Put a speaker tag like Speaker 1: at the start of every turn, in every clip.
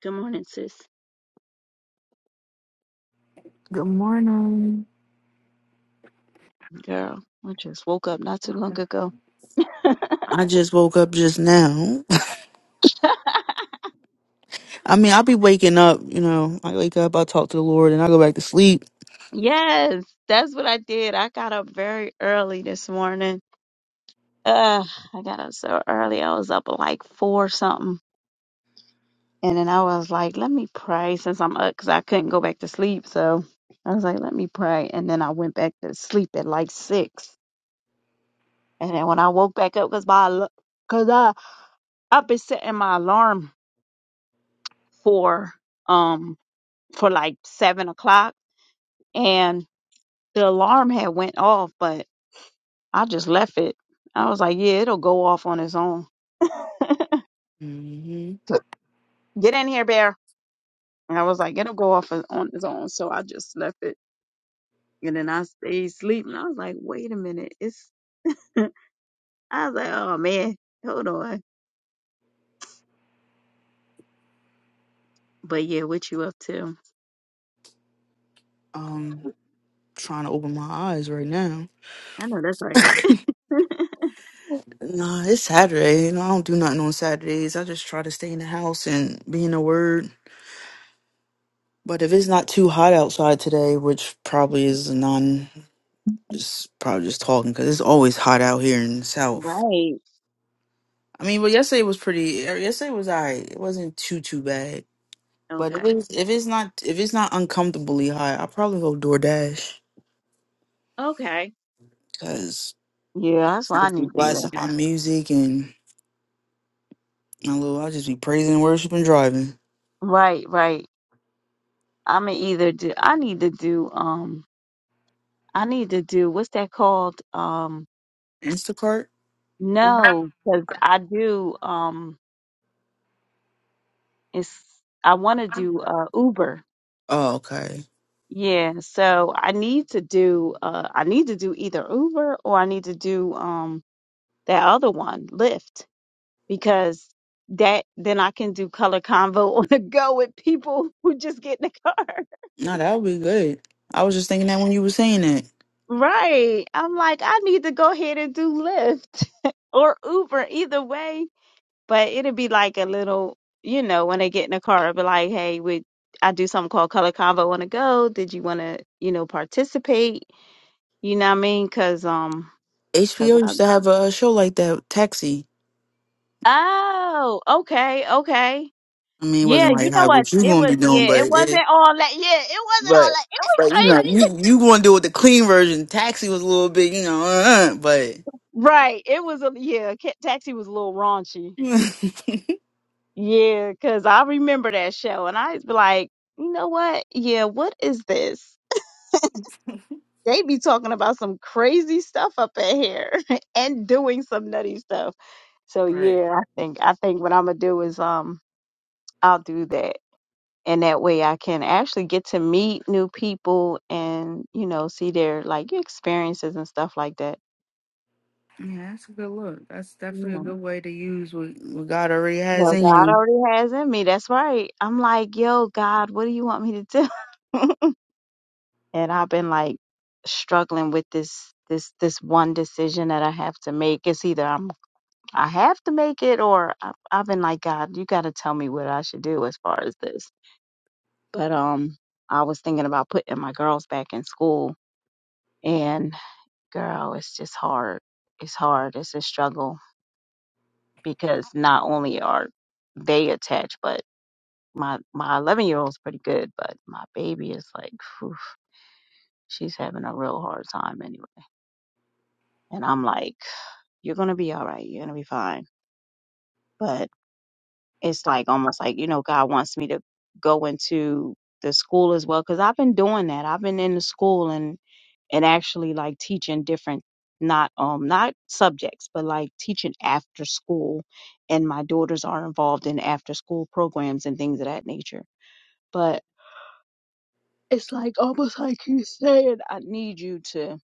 Speaker 1: Good morning, sis.
Speaker 2: Good morning.
Speaker 1: Girl, I just woke up not too long ago.
Speaker 2: I just woke up just now. I mean, I'll be waking up, you know. I wake up, I talk to the Lord, and I go back to sleep.
Speaker 1: Yes, that's what I did. I got up very early this morning. Uh, I got up so early. I was up at like four something. And then I was like, let me pray since I'm up because I couldn't go back to sleep. So I was like, let me pray. And then I went back to sleep at like six. And then when I woke back up, because my, al- cause I, I've been setting my alarm for, um, for like seven o'clock. and. the alarm had went off, but I just left it. I was like, yeah, it'll go off on its own.
Speaker 2: hmm
Speaker 1: So, Get in here, bear. And I was like, it'll go off on on its own. So I just left it. And then I stayed sleeping. I was like, wait a minute. It's I was like, oh man, hold on. But yeah, what you up to?
Speaker 2: Um, trying to open my eyes right now.
Speaker 1: I know that's right.
Speaker 2: Nah, it's Saturday. You know, I don't do nothing on Saturdays. I just try to stay in the house and be in the Word. But if it's not too hot outside today, which probably is none, just probably just talking because it's always hot out here in the South.
Speaker 1: Right.
Speaker 2: I mean, but yesterday was pretty. er, Yesterday was alright. It wasn't too too bad. But if
Speaker 1: Okay.
Speaker 2: it's, if it's not if it's not uncomfortably high, I probably go DoorDash
Speaker 1: Okay.
Speaker 2: because
Speaker 1: Yeah, that's what
Speaker 2: I
Speaker 1: I
Speaker 2: just be
Speaker 1: need to do.
Speaker 2: blasting my music and my little. I just be praising, worship, and driving.
Speaker 1: Right, right. I'm gonna either do I need to do um I need to do what's that called? Um.
Speaker 2: Instacart.
Speaker 1: No, because I do. Um, it's I want to do uh Uber.
Speaker 2: Oh, okay.
Speaker 1: Yeah, so I need to do uh I need to do either Uber or I need to do um that other one, Lyft, because that then I can do color convo on the go with people who just get in the car.
Speaker 2: No, that would be good. I was just thinking that when you were saying that.
Speaker 1: Right. I'm like, I need to go ahead and do Lyft or Uber. Either way, but it'd be like a little, you know, when they get in the car, it'd be like, hey, we, I do something called Color Convo. Want to go? Did you want to, you know, participate? You know what I mean? Cause um, cause
Speaker 2: HBO
Speaker 1: I,
Speaker 2: used to have a show like that, Taxi.
Speaker 1: oh, okay, okay.
Speaker 2: I mean, it
Speaker 1: Yeah,
Speaker 2: wasn't
Speaker 1: you
Speaker 2: like
Speaker 1: know
Speaker 2: how
Speaker 1: what?
Speaker 2: what you
Speaker 1: It
Speaker 2: gonna be
Speaker 1: was
Speaker 2: doing,
Speaker 1: yeah,
Speaker 2: but
Speaker 1: it
Speaker 2: it,
Speaker 1: wasn't all that. Yeah, it wasn't all
Speaker 2: but
Speaker 1: that. It was
Speaker 2: but you know
Speaker 1: crazy.
Speaker 2: you you gonna do it the clean version. Taxi was a little bit, you know, uh, uh, but.
Speaker 1: Right. It was a yeah. Ca- Taxi was a little raunchy. Yeah, cause I remember that show, and I was like, you know what? Yeah, what is this? They be talking about some crazy stuff up in here and doing some nutty stuff. So
Speaker 2: right.
Speaker 1: yeah, I think I think what I'm gonna do is um I'll do that. And that way I can actually get to meet new people and, you know, see their like experiences and stuff like that.
Speaker 2: Yeah, that's a good look. That's definitely a
Speaker 1: Yeah.
Speaker 2: good way to use what, what God already has
Speaker 1: Well,
Speaker 2: in
Speaker 1: God
Speaker 2: you.
Speaker 1: already has in me. That's right. I'm like, yo, God, what do you want me to do? and I've been like struggling with this this this one decision that I have to make. It's either I'm I have to make it, or I- I've been like, God, you got to tell me what I should do as far as this. But um, I was thinking about putting my girls back in school, and girl, it's just hard. It's hard. It's a struggle because not only are they attached, but my my 11 year old's pretty good, but my baby is like, phew, she's having a real hard time anyway. And I'm like, you're gonna be all right. You're gonna be fine. But it's like almost like you know god wants me to go into the school as well because i've been doing that i've been in the school and and actually like teaching different not um not subjects but like teaching after school and my daughters are involved in after school programs and things of that nature but it's like almost like you saying i need you to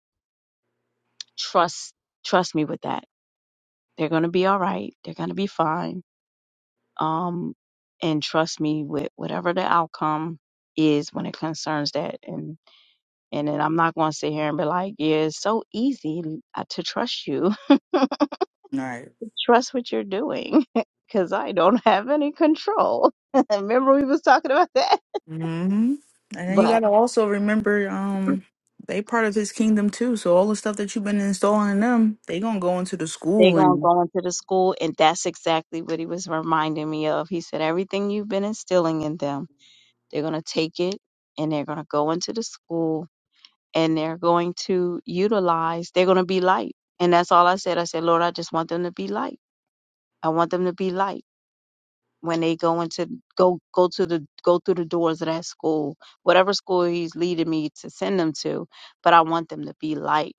Speaker 1: trust trust me with that they're going to be all right they're going to be fine um, and trust me with whatever the outcome is when it concerns that. And and then I'm not going to sit here and be like, yeah, it's so easy uh, to trust you,
Speaker 2: All Right.
Speaker 1: trust what you're doing, because I don't have any control. Remember we was talking about that,
Speaker 2: Mm-hmm. And then you
Speaker 1: but.
Speaker 2: gotta also remember, um, they part of His kingdom too. So all the stuff that you've been installing in them, they gonna go into the
Speaker 1: They're
Speaker 2: school
Speaker 1: gonna
Speaker 2: and.
Speaker 1: go into the school, and that's exactly what he was reminding me of. He said, Everything you've been instilling in them, they're gonna take it and they're gonna go into the school and they're going to utilize, they're going to be light. And that's all I said. I said, Lord, I just want them to be light. I want them to be light when they go into go go to the go through the doors of that school, whatever school he's leading me to send them to, but I want them to be light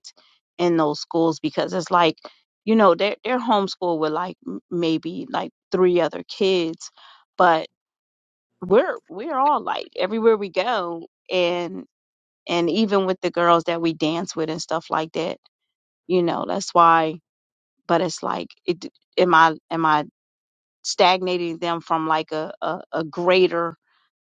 Speaker 1: in those schools because it's like, you know, they're they're homeschooled with like m- maybe like three other kids, but we're we're all light everywhere we go and and even with the girls that we dance with and stuff like that you know that's why but it's like it am i am i stagnating them from like a a, a greater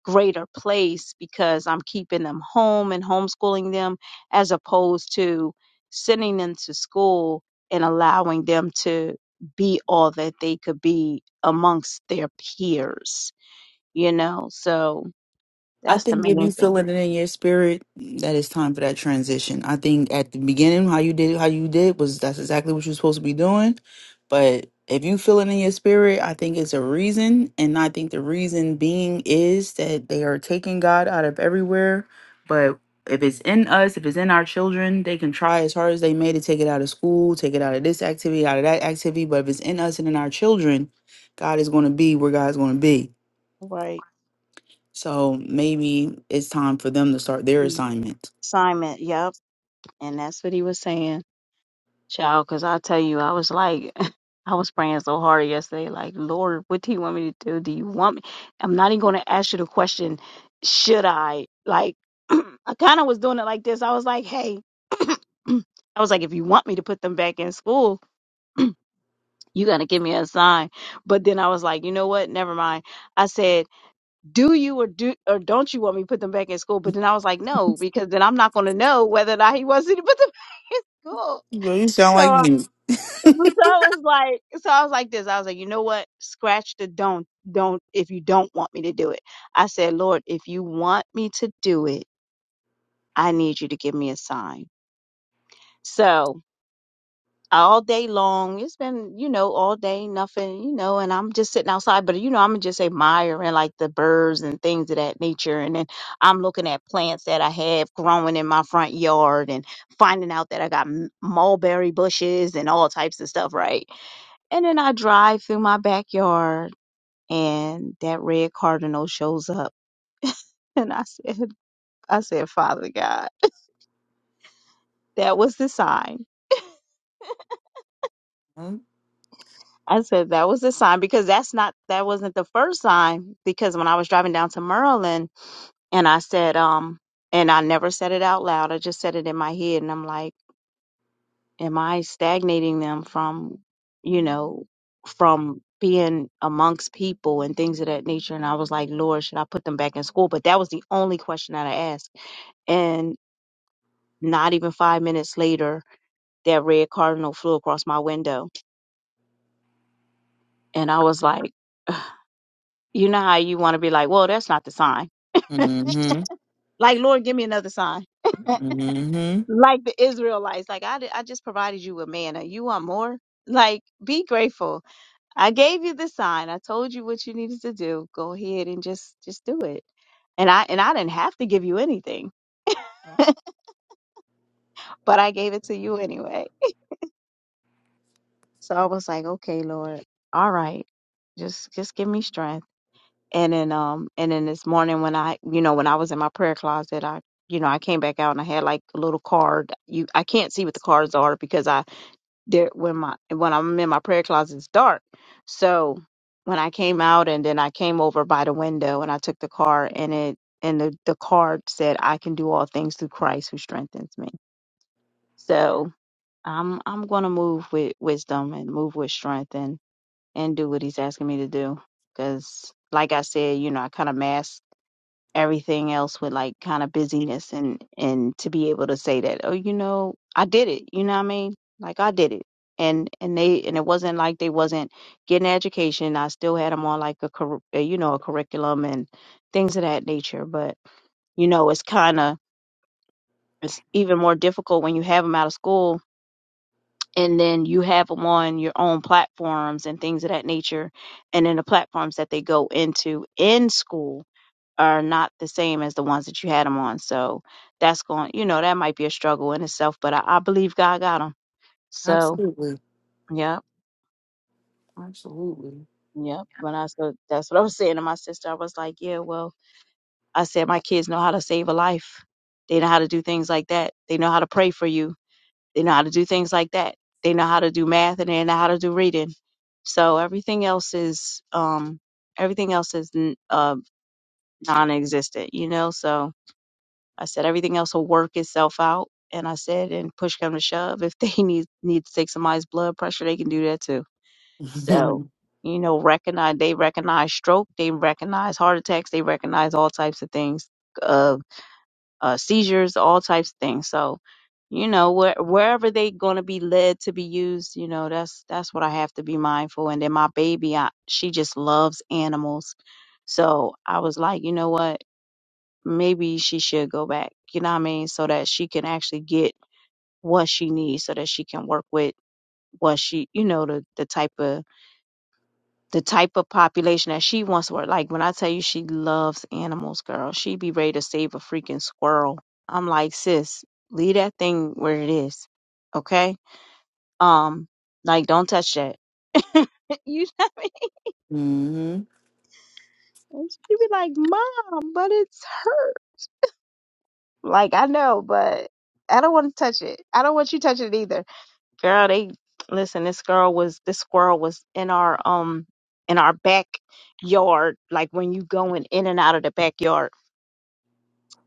Speaker 1: greater place because i'm keeping them home and homeschooling them as opposed to sending them to school and allowing them to be all that they could be amongst their peers you know so
Speaker 2: I
Speaker 1: that's the
Speaker 2: think if you
Speaker 1: main thing
Speaker 2: feel it in your spirit, that it's time for that transition. I think at the beginning, how you did how you did was that's exactly what you're supposed to be doing. But if you feel it in your spirit, I think it's a reason, and I think the reason being is that they are taking God out of everywhere. But if it's in us, if it's in our children, they can try as hard as they may to take it out of school, take it out of this activity, out of that activity. But if it's in us and in our children, God is going to be where God's going to be.
Speaker 1: Right.
Speaker 2: So maybe it's time for them to start their
Speaker 1: Mm.
Speaker 2: assignment.
Speaker 1: assignment yep and that's what he was saying Child, because I tell you, I was like, I was praying so hard yesterday. Like, Lord, what do you want me to do? Do you want me? I'm not even going to ask you the question, should I? Like, I kind of was doing it like this. I was like, hey, I was like, if you want me to put them back in school, you got to give me a sign. But then I was like, you know what? Never mind. I said, do you or do or don't you want me to put them back in school? But then I was like, no, because then I'm not going to know whether or not he wants me to put them back in school.
Speaker 2: Girl, you sound like
Speaker 1: So
Speaker 2: me.
Speaker 1: So I was like, so I was like this. I was like, you know what? Scratch the don't, don't. If you don't want me to do it, I said, Lord, if you want me to do it, I need you to give me a sign. So all day long, it's been, you know, all day nothing, you know, and I'm just sitting outside. But you know, I'm just admiring like the birds and things of that nature, and then I'm looking at plants that I have growing in my front yard, and finding out that I got m- mulberry bushes and all types of stuff, right? And then I drive through my backyard and that red cardinal shows up. And I said, I said, Father God, that was the sign.
Speaker 2: Mm
Speaker 1: I said, that was the sign because that's not, that wasn't the first sign. Because when I was driving down to Maryland and I said, um, and I never said it out loud, I just said it in my head. And I'm like, Am I stagnating them from, you know, from being amongst people and things of that nature? And I was like, Lord, should I put them back in school? But that was the only question that I asked. And not even five minutes later, that red cardinal flew across my window. And I was like, you know how you want to be like, well, that's not the sign.
Speaker 2: hmm.
Speaker 1: Like, Lord, give me another sign.
Speaker 2: Mm hmm.
Speaker 1: like the Israelites, like I, di- I just provided you with manna. You want more? Like, be grateful I gave you the sign. I told you what you needed to do. Go ahead and just just do it. And I and I didn't have to give you anything, but I gave it to you anyway. So I was like, okay, Lord, all right, just just give me strength. And then um and then this morning when I you know when I was in my prayer closet, I you know I came back out and I had like a little card. You I can't see what the cards are because I there when my when I'm in my prayer closet, it's dark. So when I came out and then I came over by the window and I took the car and it and the, the card said, I can do all things through Christ who strengthens me. So I'm I'm gonna move with wisdom and move with strength and and do what he's asking me to do. Cause like I said, you know, I kinda mask everything else with like kind of busyness and and to be able to say that oh you know I did it you know what I mean like I did it and and they and it wasn't like they wasn't getting an education I still had them on like a curr- uh, you know a curriculum and things of that nature but you know it's kind of it's even more difficult when you have them out of school and then you have them on your own platforms and things of that nature and then the platforms that they go into in school are not the same as the ones that you had them on. So that's going, you know, that might be a struggle in itself, but I, I believe God got them. So,
Speaker 2: Absolutely.
Speaker 1: yep,
Speaker 2: Absolutely.
Speaker 1: yep. When I so that's what I was saying to my sister. I was like, yeah, well, I said my kids know how to save a life. They know how to do things like that. They know how to pray for you. They know how to do things like that. They know how to do math and they know how to do reading. So everything else is, um, everything else is n- uh, non-existent, you know. So I said everything else will work itself out. And I said, and push come to shove, if they need need to take somebody's blood pressure, they can do that too. So, you know, recognize they recognize stroke, they recognize heart attacks, they recognize all types of things, uh, uh seizures, all types of things. So, you know, where, wherever they gonna be led to be used, you know, that's that's what I have to be mindful. And then my baby, I, she just loves animals, so I was like, you know what? maybe she should go back, you know what I mean? So that she can actually get what she needs so that she can work with what she you know, the the type of the type of population that she wants to work. Like when I tell you she loves animals, girl, she be ready to save a freaking squirrel. I'm like, sis, leave that thing where it is. Okay? Um, like don't touch that. you know what I mean?
Speaker 2: mm hmm.
Speaker 1: And She be like, Mom, but it's hurt. Like I know, but I don't want to touch it. I don't want you touching it either girl they listen this girl was this squirrel was in our um in our backyard like when you going in and out of the backyard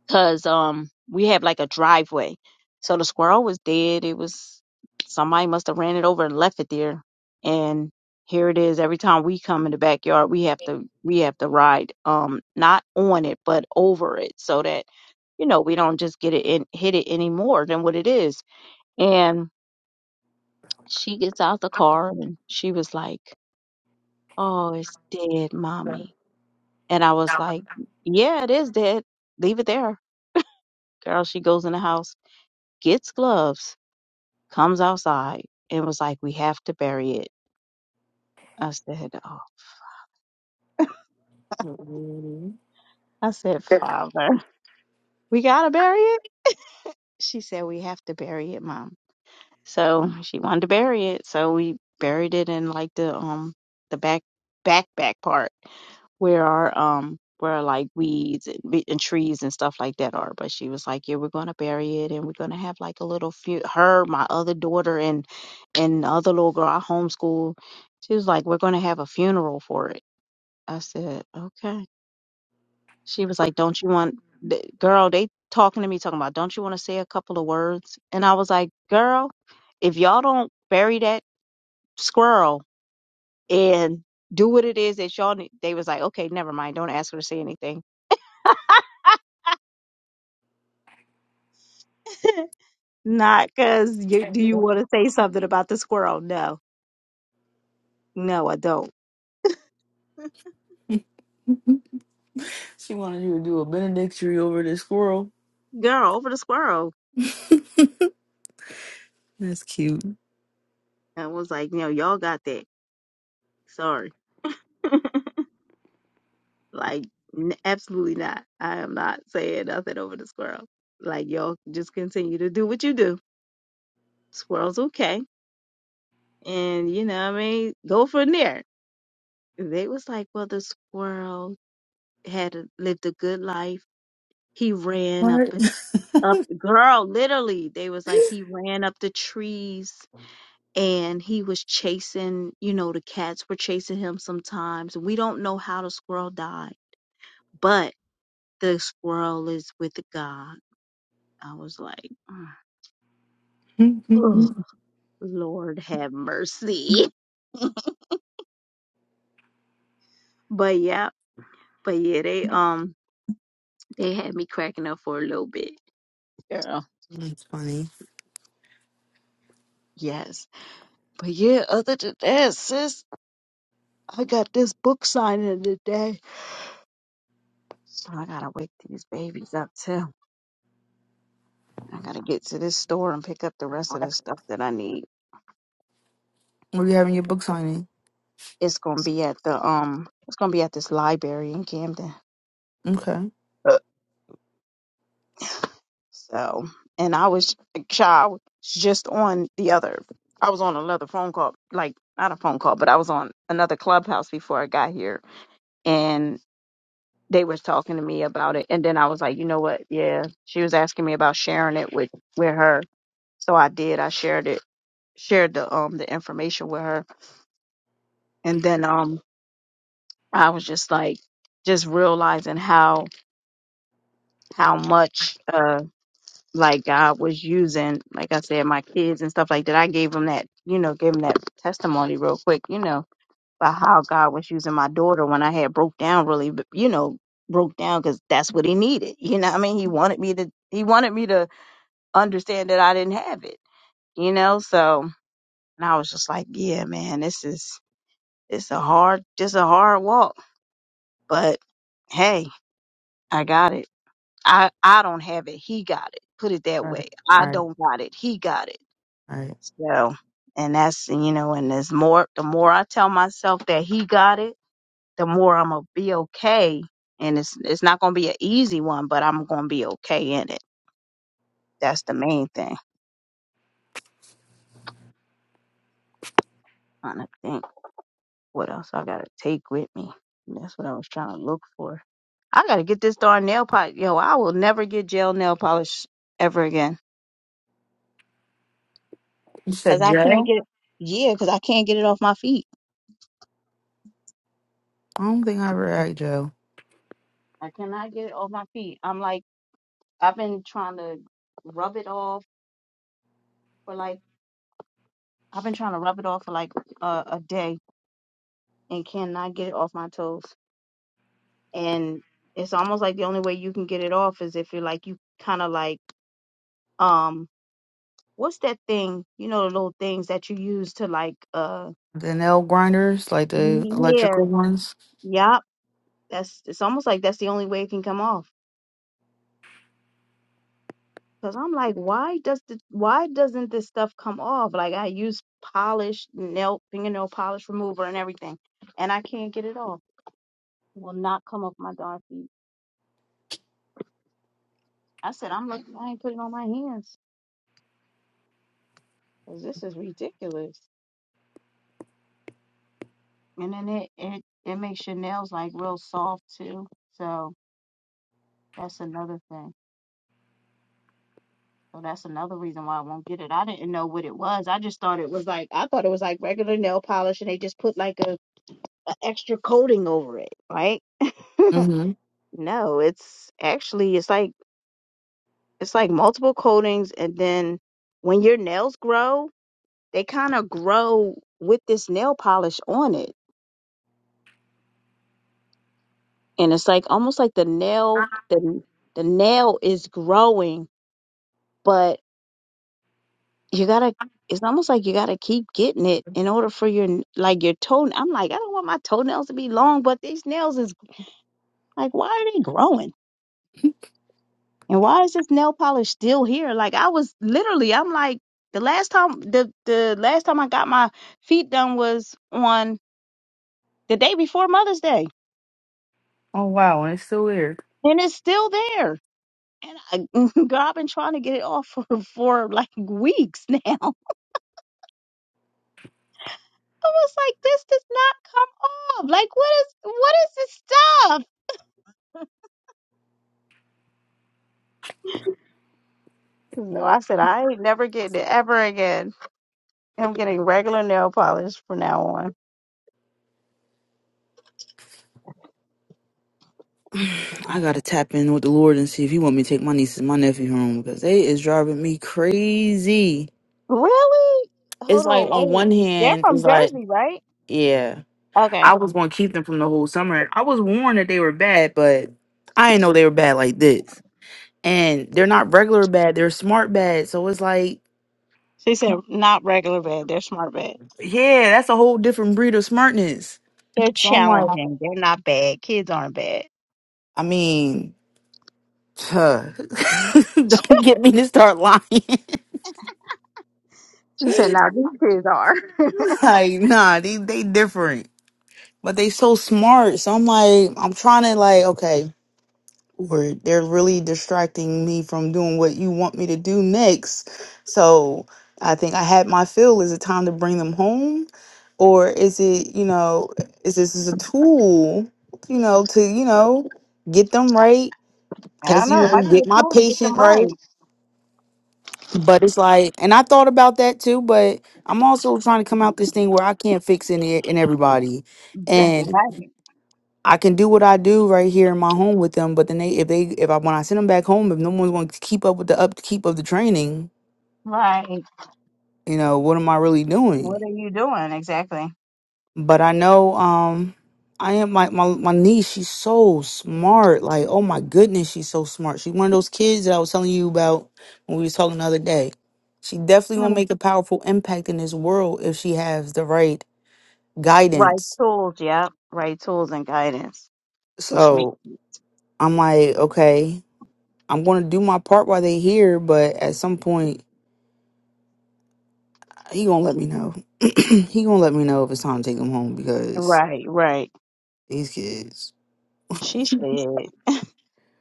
Speaker 1: because um we have like a driveway so the squirrel was dead it was somebody must have ran it over and left it there and here it is every time we come in the backyard we have to we have to ride um not on it but over it so that you know we don't just get it in hit it any more than what it is and she gets out the car and she was like, Oh, it's dead, mommy. And I was like, Yeah, it is dead. Leave it there. Girl, she goes in the house, gets gloves, comes outside, and was like, We have to bury it. I said, Oh, I said, Father, we got to bury it. She said, We have to bury it, mom. So she wanted to bury it. So we buried it in like the um the back back back part where our um where like weeds and, be- and trees and stuff like that are. But she was like, "Yeah, we're gonna bury it, and we're gonna have like a little few." Her, my other daughter, and and the other little girl I homeschool. She was like, "We're gonna have a funeral for it." I said, "Okay." She was like, "Don't you want?" The, girl, they talking to me talking about, "Don't you want to say a couple of words?" And I was like, "Girl." if y'all don't bury that squirrel and do what it is that y'all need, they was like, okay, never mind. Don't ask her to say anything. Not because you, do you want to say something about the squirrel? No, no, I don't.
Speaker 2: She wanted you to do a benedictory over this squirrel.
Speaker 1: Girl, over the squirrel.
Speaker 2: That's cute.
Speaker 1: And I was like, no, y'all got that. Sorry. Like, n- absolutely not. I am not saying nothing over the squirrel. Like, y'all just continue to do what you do. Squirrel's okay. And, you know what I mean? Go from there. They was like, well, the squirrel had lived a good life. He ran up
Speaker 2: What?
Speaker 1: and up, girl, literally, they was like he ran up the trees and he was chasing, you know, the cats were chasing him sometimes. We don't know how the squirrel died, but the squirrel is with God. I was like,
Speaker 2: Were
Speaker 1: "Ugh, Lord have mercy. But yeah, but yeah, they um they had me cracking up for a little bit. Girl.
Speaker 2: That's funny.
Speaker 1: Yes. But yeah, other than that, sis. I got this book signing today. So I gotta wake these babies up too. I gotta get to this store and pick up the rest of the stuff that I need.
Speaker 2: Were you having your book signing?
Speaker 1: It's gonna be at the um it's gonna be at this library in Camden.
Speaker 2: Okay. All
Speaker 1: Uh. So and I was child just on the other I was on another phone call, like not a phone call, but I was on another clubhouse before I got here and they was talking to me about it and then I was like, you know what, yeah. She was asking me about sharing it with with her. So I did. I shared it shared the um the information with her and then um I was just like just realizing how how much uh like God was using like I said my kids and stuff like that I gave them that you know gave them that testimony real quick you know about how God was using my daughter when I had broke down really but, you know broke down cuz that's what he needed you know what I mean he wanted me to he wanted me to understand that I didn't have it you know so and I was just like yeah man this is it's a hard just a hard walk But hey, I got it. I, I don't have it. He got it. Put it that way.
Speaker 2: right. All
Speaker 1: I
Speaker 2: right.
Speaker 1: don't got it. He got it.
Speaker 2: All right.
Speaker 1: So, and that's, you know, and there's more, the more I tell myself that he got it, the more I'm going to be okay. And it's, it's not going to be an easy one, but I'm going to be okay in it. That's the main thing. trying to think what else I got to take with me. That's what I was trying to look for. I got to get this darn nail polish. Yo, I will never get gel nail polish ever again.
Speaker 2: You
Speaker 1: Cause
Speaker 2: said
Speaker 1: I can't
Speaker 2: Joe?
Speaker 1: get yeah, cause I can't get it off my feet.
Speaker 2: I don't think I ever had Joe.
Speaker 1: I cannot get it off my feet. I'm like I've been trying to rub it off for like I've been trying to rub it off for like uh, a day and cannot get it off my toes. And it's almost like the only way you can get it off is if you're like you kind of like um what's that thing? You know the little things that you use to like uh
Speaker 2: The nail grinders, like the
Speaker 1: yeah,
Speaker 2: electrical ones.
Speaker 1: yep. That's it's almost like that's the only way it can come off Cause I'm like, why does the why doesn't this stuff come off? Like I use polish, nail fingernail polish remover and everything, and I can't get it off. It will not come off my darn feet. I said, I'm looking, I ain't putting it on my hands, cause this is ridiculous. And then it it it makes your nails like real soft too. So that's another thing. So that's another reason why I won't get it. I didn't know what it was. I just thought it was like I thought it was like regular nail polish, and they just put like a, a extra coating over it, right?
Speaker 2: hmm
Speaker 1: No, it's actually it's like it's like multiple coatings and then when your nails grow, they kind of grow with this nail polish on it. And it's like almost like the nail the the nail is growing, but you got to it's almost like you got to keep getting it in order for your n- like your toe I'm like I don't want my toenails to be long, but these nails is like why are they growing? And why is this nail polish still here? Like I was literally, I'm like the last time the the last time I got my feet done was on the day before Mother's Day,
Speaker 2: Oh wow, and it's still there.
Speaker 1: and it's still there. And I, girl, I've been trying to get it off for for like weeks now. I was like, this does not come off. Like what is what is this stuff? No, I said I ain't never getting it ever again. I'm getting regular nail polish from now on.
Speaker 2: I gotta tap in with the Lord and see if He want me to take my nieces and my nephew home because they is driving me crazy.
Speaker 1: Really?
Speaker 2: It's
Speaker 1: Hold
Speaker 2: like
Speaker 1: on,
Speaker 2: on
Speaker 1: wait.
Speaker 2: one
Speaker 1: They're
Speaker 2: hand, it's
Speaker 1: from
Speaker 2: like,
Speaker 1: Jersey, right?
Speaker 2: yeah, I
Speaker 1: Okay.
Speaker 2: was gonna keep them from the whole summer. I was warned that they were bad, but I didn't know they were bad like this. And they're not regular bad; they're smart bad. So it's like,
Speaker 1: She said not regular bad. They're smart bad.
Speaker 2: yeah, that's a whole different breed of smartness.
Speaker 1: They're
Speaker 2: So I'm like,
Speaker 1: challenging. They're not bad. Kids aren't bad.
Speaker 2: I mean. Huh. Don't get me to start lying.
Speaker 1: She said, now these kids are.
Speaker 2: like, nah, they they different, but they so smart. So I'm like, I'm trying to like, okay, Lord, they're really distracting me from doing what you want me to do next. So I think I had my fill. Is it time to bring them home, or is it you know, is this is a tool, you know, to you know, get them right?
Speaker 1: I
Speaker 2: Because
Speaker 1: don't know.
Speaker 2: you
Speaker 1: It might
Speaker 2: know,
Speaker 1: be
Speaker 2: get
Speaker 1: a
Speaker 2: my
Speaker 1: tool to get
Speaker 2: patient
Speaker 1: them
Speaker 2: right.
Speaker 1: right.
Speaker 2: But it's like, and I thought about that too, but I'm also trying to come out this thing where I can't fix any in everybody,
Speaker 1: Exa-
Speaker 2: and
Speaker 1: Right.
Speaker 2: I can do what I do right here in my home with them. But then they, if they, if I when I send them back home, if no one's going to keep up with the upkeep of the training,
Speaker 1: Right.
Speaker 2: you know, what am I really
Speaker 1: What
Speaker 2: doing?
Speaker 1: are you doing exactly?
Speaker 2: But I know um I am like my, my niece, she's so smart. Like, oh my goodness, she's so smart. She's one of those kids that I was telling you about when we was talking the other day. She definitely will
Speaker 1: Mm.
Speaker 2: make a powerful impact in this world if she has the right
Speaker 1: Right
Speaker 2: guidance.
Speaker 1: tools. Yep. Right tools and guidance. Which make
Speaker 2: So I'm like, okay, I'm gonna do my part while they here, but at some point he gonna let me know. he gonna let me know if it's time to take them home because
Speaker 1: right, right.
Speaker 2: these kids.
Speaker 1: She said,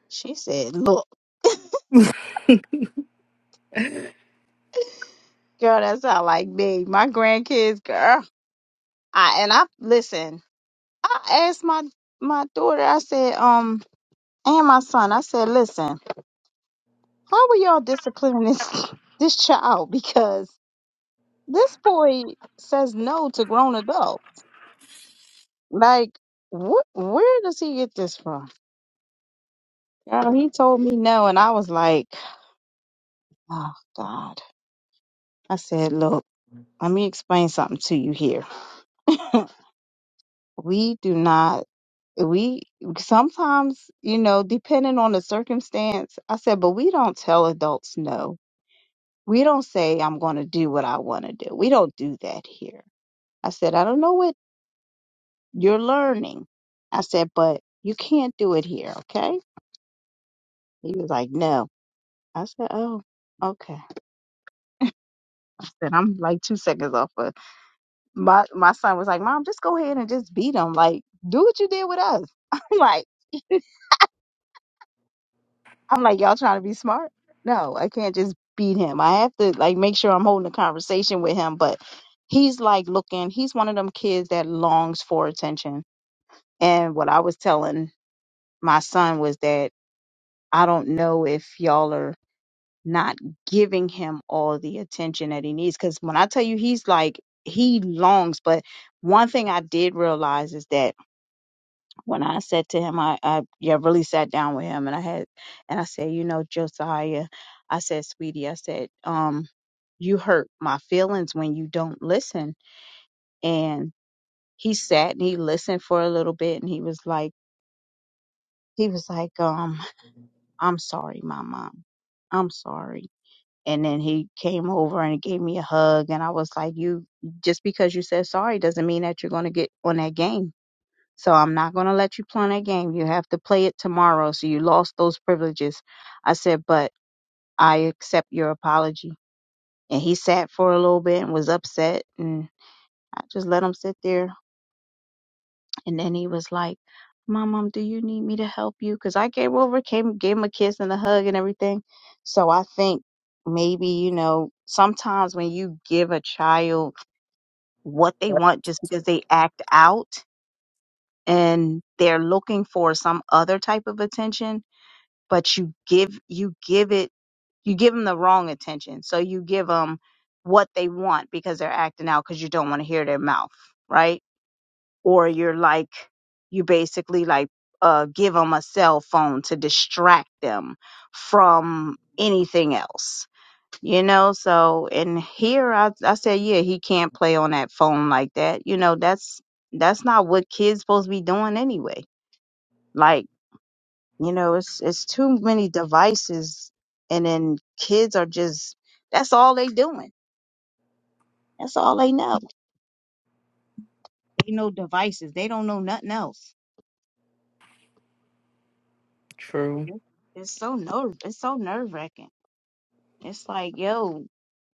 Speaker 1: she said, look, girl, that sound like me. My grandkids, girl. I and I listen. I asked my my daughter. I said, um. and my son. I said, listen, how are y'all disciplining this this child? Because this boy says no to grown adult. Like, what? Where does he get this from? Girl, he told me no, and I was like, oh God. I said, look, let me explain something to you here. we do not. We sometimes, you know, depending on the circumstance, I said, but we don't tell adults no. We don't say, I'm going to do what I want to do. We don't do that here I said, I don't know what you're learning. I said, but you can't do it here, okay? He was like, no. I said, oh, okay. I said, I'm like two seconds off. But my my son was like, Mom, just go ahead and just beat him. Like, do what you did with us. I'm like, I'm like, y'all trying to be smart? No, I can't just beat him. I have to like make sure I'm holding a conversation with him. But he's like looking. He's one of them kids that longs for attention. And what I was telling my son was that. I don't know if y'all are not giving him all the attention that he needs. Because when I tell you, he's like, he longs. But one thing I did realize is that when I said to him, I, I yeah, really sat down with him and I had, and I said, you know, Josiah, I said, sweetie, I said, um, you hurt my feelings when you don't listen. And he sat and he listened for a little bit and he was like, he was like, um, I'm sorry, my mom. I'm sorry. and then he came over and gave me a hug and i was like you just because you said sorry doesn't mean that you're going to get on that game so i'm not going to let you play on that game you have to play it tomorrow so you lost those privileges i said but i accept your apology and he sat for a little bit and was upset and i just let him sit there And then he was like, "Mom, Mom, do you need me to help you? Because I came over, came, gave him a kiss and a hug and everything. So I think maybe, you know, sometimes when you give a child what they want just because they act out and they're looking for some other type of attention, but you give, you give it, you give them the wrong attention. So you give them what they want because they're acting out because you don't want to hear their mouth, right? or you're like you basically like uh give them a cell phone to distract them from anything else you know so and here I, I said yeah he can't play on that phone like that you know that's that's not what kids supposed to be doing anyway like you know it's it's too many devices and then kids are just that's all they doing that's all they know they know devices they don't know nothing else
Speaker 2: True.
Speaker 1: And it's it's so nerve it's so nerve wracking It's like, yo,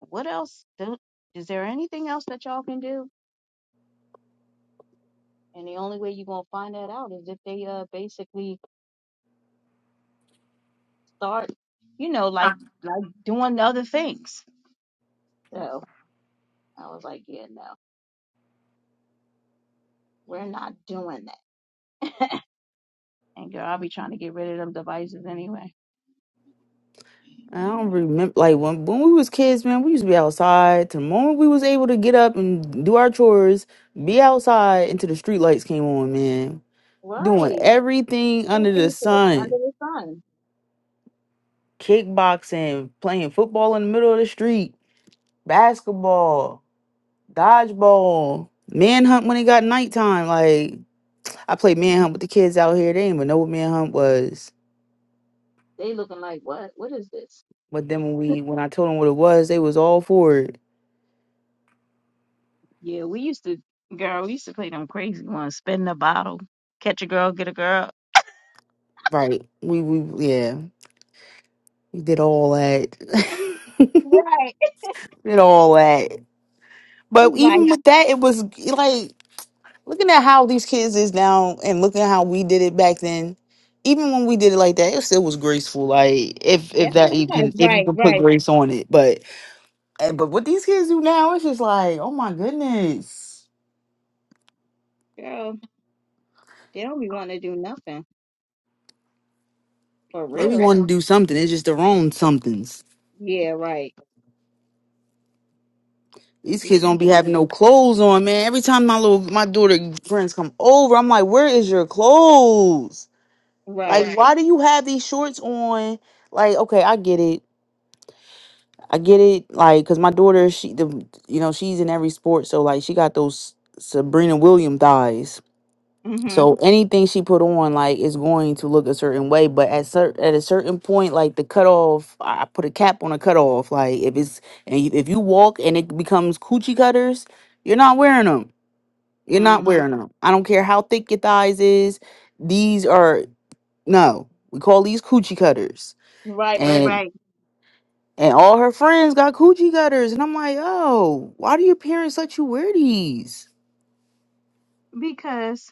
Speaker 1: what else do, is there anything else that y'all can do? And the only way you're gonna find that out is if they uh basically start, you know, like like doing other things. So I was like, yeah, no, we're not doing that. And girl, I'll be trying to get rid of them devices anyway.
Speaker 2: I don't remember like when when we was kids, man, we used to be outside. The moment we was able to get up and do our chores, be outside until the street lights came on, man. Doing
Speaker 1: Right,
Speaker 2: everything under the
Speaker 1: everything under
Speaker 2: sun.
Speaker 1: the sun.
Speaker 2: Kickboxing, playing football in the middle of the street, basketball, dodgeball, manhunt when it got nighttime. Like I played
Speaker 1: Mhm.
Speaker 2: manhunt with the kids out here. They didn't even know what manhunt was.
Speaker 1: They looking like what? What is this?
Speaker 2: But then when we when I told them what it was, they was all for it.
Speaker 1: Yeah, we used to, girl, we used to play them crazy ones, spin the bottle, catch a girl, get a girl.
Speaker 2: Right. We we yeah. You did all that.
Speaker 1: Right.
Speaker 2: did all that. But
Speaker 1: like.
Speaker 2: even with that, it was like looking at how these kids is now and looking at how we did it back then. Even when we did it like that, it still was graceful. Like if if
Speaker 1: Yes, it
Speaker 2: that you
Speaker 1: was.
Speaker 2: can if you
Speaker 1: Right,
Speaker 2: can put
Speaker 1: right.
Speaker 2: grace on it, but eh, but what these kids do now, it's just like oh my goodness,
Speaker 1: Girl, they don't be wanting to do nothing for
Speaker 2: they be
Speaker 1: real.
Speaker 2: want to do something. It's just their own somethings.
Speaker 1: Yeah, right. They
Speaker 2: These kids
Speaker 1: just
Speaker 2: don't
Speaker 1: want
Speaker 2: be
Speaker 1: to
Speaker 2: having
Speaker 1: be
Speaker 2: no clothes on, man. Every time my little my daughter friends come over, I'm like, where is your clothes? Like,
Speaker 1: right.
Speaker 2: Right. why do you have these shorts on? Like, okay, I get it. I get it. Like, cause my daughter, she, the, you know, she's in every sport, so like, she got those Sabrina Williams thighs.
Speaker 1: Mhm.
Speaker 2: So anything she put on, like, is going to look a certain way. But at cer- at a certain point, like the cutoff, I I put a cap on a cutoff. Like, if it's and you, if you walk and it becomes coochie cutters, you're not wearing them. You're not wearing
Speaker 1: Mhm.
Speaker 2: them. I don't care how thick your thighs is. These are no. We call these coochie cutters.
Speaker 1: Right, right,
Speaker 2: and
Speaker 1: right.
Speaker 2: and all her friends got coochie gutters, and I'm like, yo, why do your parents let you wear these?
Speaker 1: Because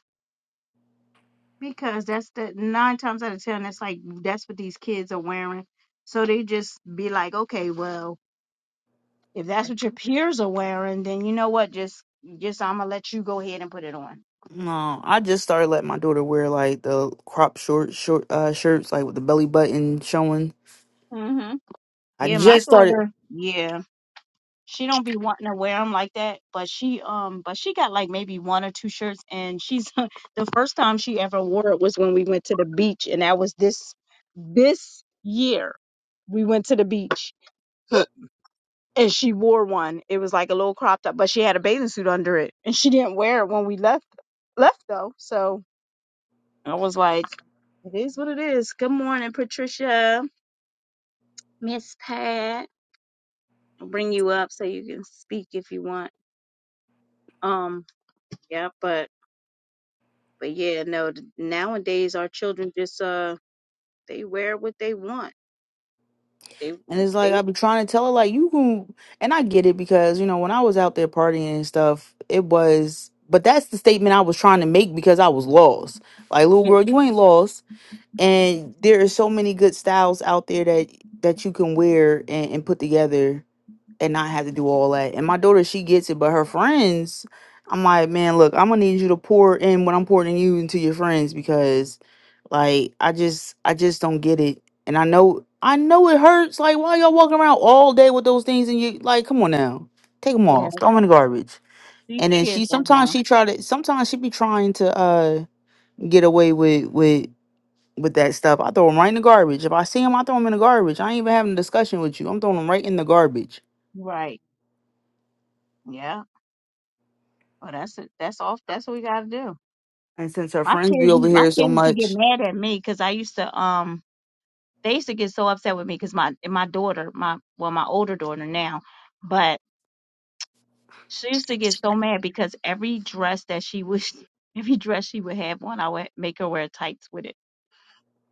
Speaker 1: because that's the nine times out of ten that's like that's what these kids are wearing. So they just be like, okay, well, if that's what your peers are wearing, then you know what? Just just I'm gonna let you go ahead and put it on.
Speaker 2: No, I just started letting my daughter wear like the crop short short uh, shirts, like with the belly button showing.
Speaker 1: Mhm.
Speaker 2: I
Speaker 1: Yeah, my
Speaker 2: just started,
Speaker 1: daughter. Yeah, she don't be wanting to wear them like that but she um but she got like maybe one or two shirts and she's the first time she ever wore it was when we went to the beach and that was this this year we went to the beach and she wore one it was like a little crop top but she had a bathing suit under it and she didn't wear it when we left left though so i was like it is what it is good morning patricia miss pat i'll bring you up so you can speak if you want um yeah but But yeah, no, th- nowadays our children just uh they wear what they want. They
Speaker 2: and it's like
Speaker 1: they
Speaker 2: I've been trying to tell her, like you can, and I get it because you know when I was out there partying and stuff, it was, but that's the statement I was trying to make because I was lost. Like little
Speaker 1: Yeah,
Speaker 2: girl, you ain't lost and there are so many good styles out there that that you can wear and, and put together and not have to do all that and my daughter she gets it but her friends i'm like man look i'm gonna need you to pour in what i'm pouring in you into your friends because like i just i just don't get it and i know i know it hurts like why y'all walking around all day with those things and you like come on now take them
Speaker 1: yeah.
Speaker 2: off throw them in the garbage
Speaker 1: These
Speaker 2: and then
Speaker 1: kids
Speaker 2: she
Speaker 1: don't
Speaker 2: sometimes
Speaker 1: know.
Speaker 2: she try to sometimes she be trying to uh get away with with with that stuff. I throw them right in the garbage. If I see them, I throw them in the garbage. I ain't even having a discussion with you. I'm throwing them right in the garbage.
Speaker 1: Right. Yeah. Well, that's it. That's off. That's what we gotta do.
Speaker 2: And since her
Speaker 1: My
Speaker 2: friends be
Speaker 1: kids,
Speaker 2: over
Speaker 1: my
Speaker 2: here so
Speaker 1: kids used to get
Speaker 2: much,
Speaker 1: mad at me because I used to um. They used to get so upset with me because my my daughter, my well, my older daughter now, but she used to get so mad because every dress that she would, every dress she would have on, I would make her wear tights with it.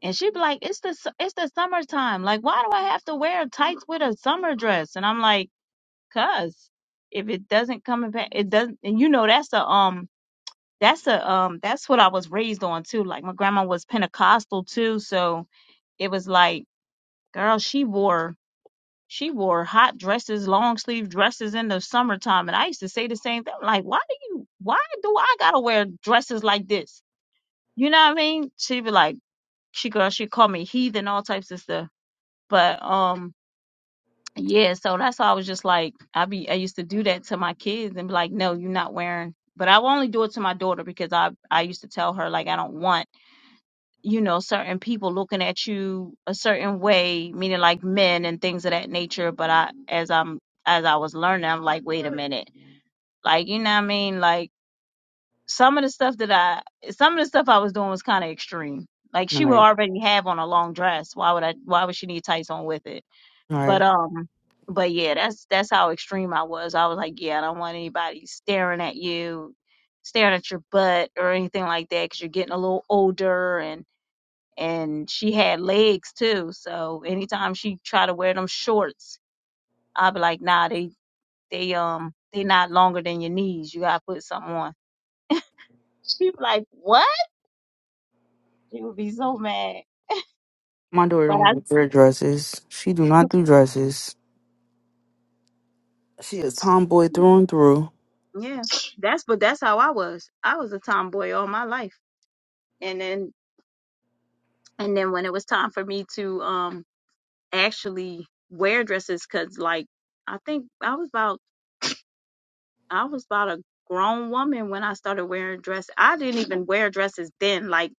Speaker 1: And she'd be like, "It's the su- it's the summertime. Like, why do I have to wear tights with a summer dress?" And I'm like, "Cause if it doesn't come in, pa- it doesn't." And you know, that's a um, that's a um, that's what I was raised on too. Like, my grandma was Pentecostal too, so it was like, girl, she wore she wore hot dresses, long sleeve dresses in the summertime, and I used to say the same thing. Like, why do you? Why do I gotta wear dresses like this? You know what I mean? She'd be like, she girl, she called me heathen, all types of stuff. But um yeah, so that's why I was just like I be I used to do that to my kids and be like, No, you're not wearing but I only do it to my daughter because I I used to tell her like I don't want, you know, certain people looking at you a certain way, meaning like men and things of that nature. But I as I'm as I was learning, I'm like, wait a minute. Like, you know what I mean? Like some of the stuff that I some of the stuff I was doing was kinda extreme. Like
Speaker 2: all
Speaker 1: she would
Speaker 2: right,
Speaker 1: already have on a long dress. Why would I why would she need tights on with it?
Speaker 2: all
Speaker 1: But
Speaker 2: right.
Speaker 1: um, but yeah, that's that's how extreme I was. I was like, yeah, I don't want anybody staring at you, staring at your butt or anything like that, because you're getting a little older and and she had legs too. So anytime she try to wear them shorts, I'd be like, nah, they they um they not longer than your knees. You gotta put something on. She'd be like, what? She would be so mad.
Speaker 2: My daughter
Speaker 1: But
Speaker 2: don't
Speaker 1: I
Speaker 2: even wear dresses. She do not do dresses. She a tomboy through and through.
Speaker 1: yeah, that's but that's how I was. I was a tomboy all my life. and then. And then when it was time for me to um actually wear dresses, cause like I think I was about I was about a grown woman when I started wearing dresses. I didn't even wear dresses then. Like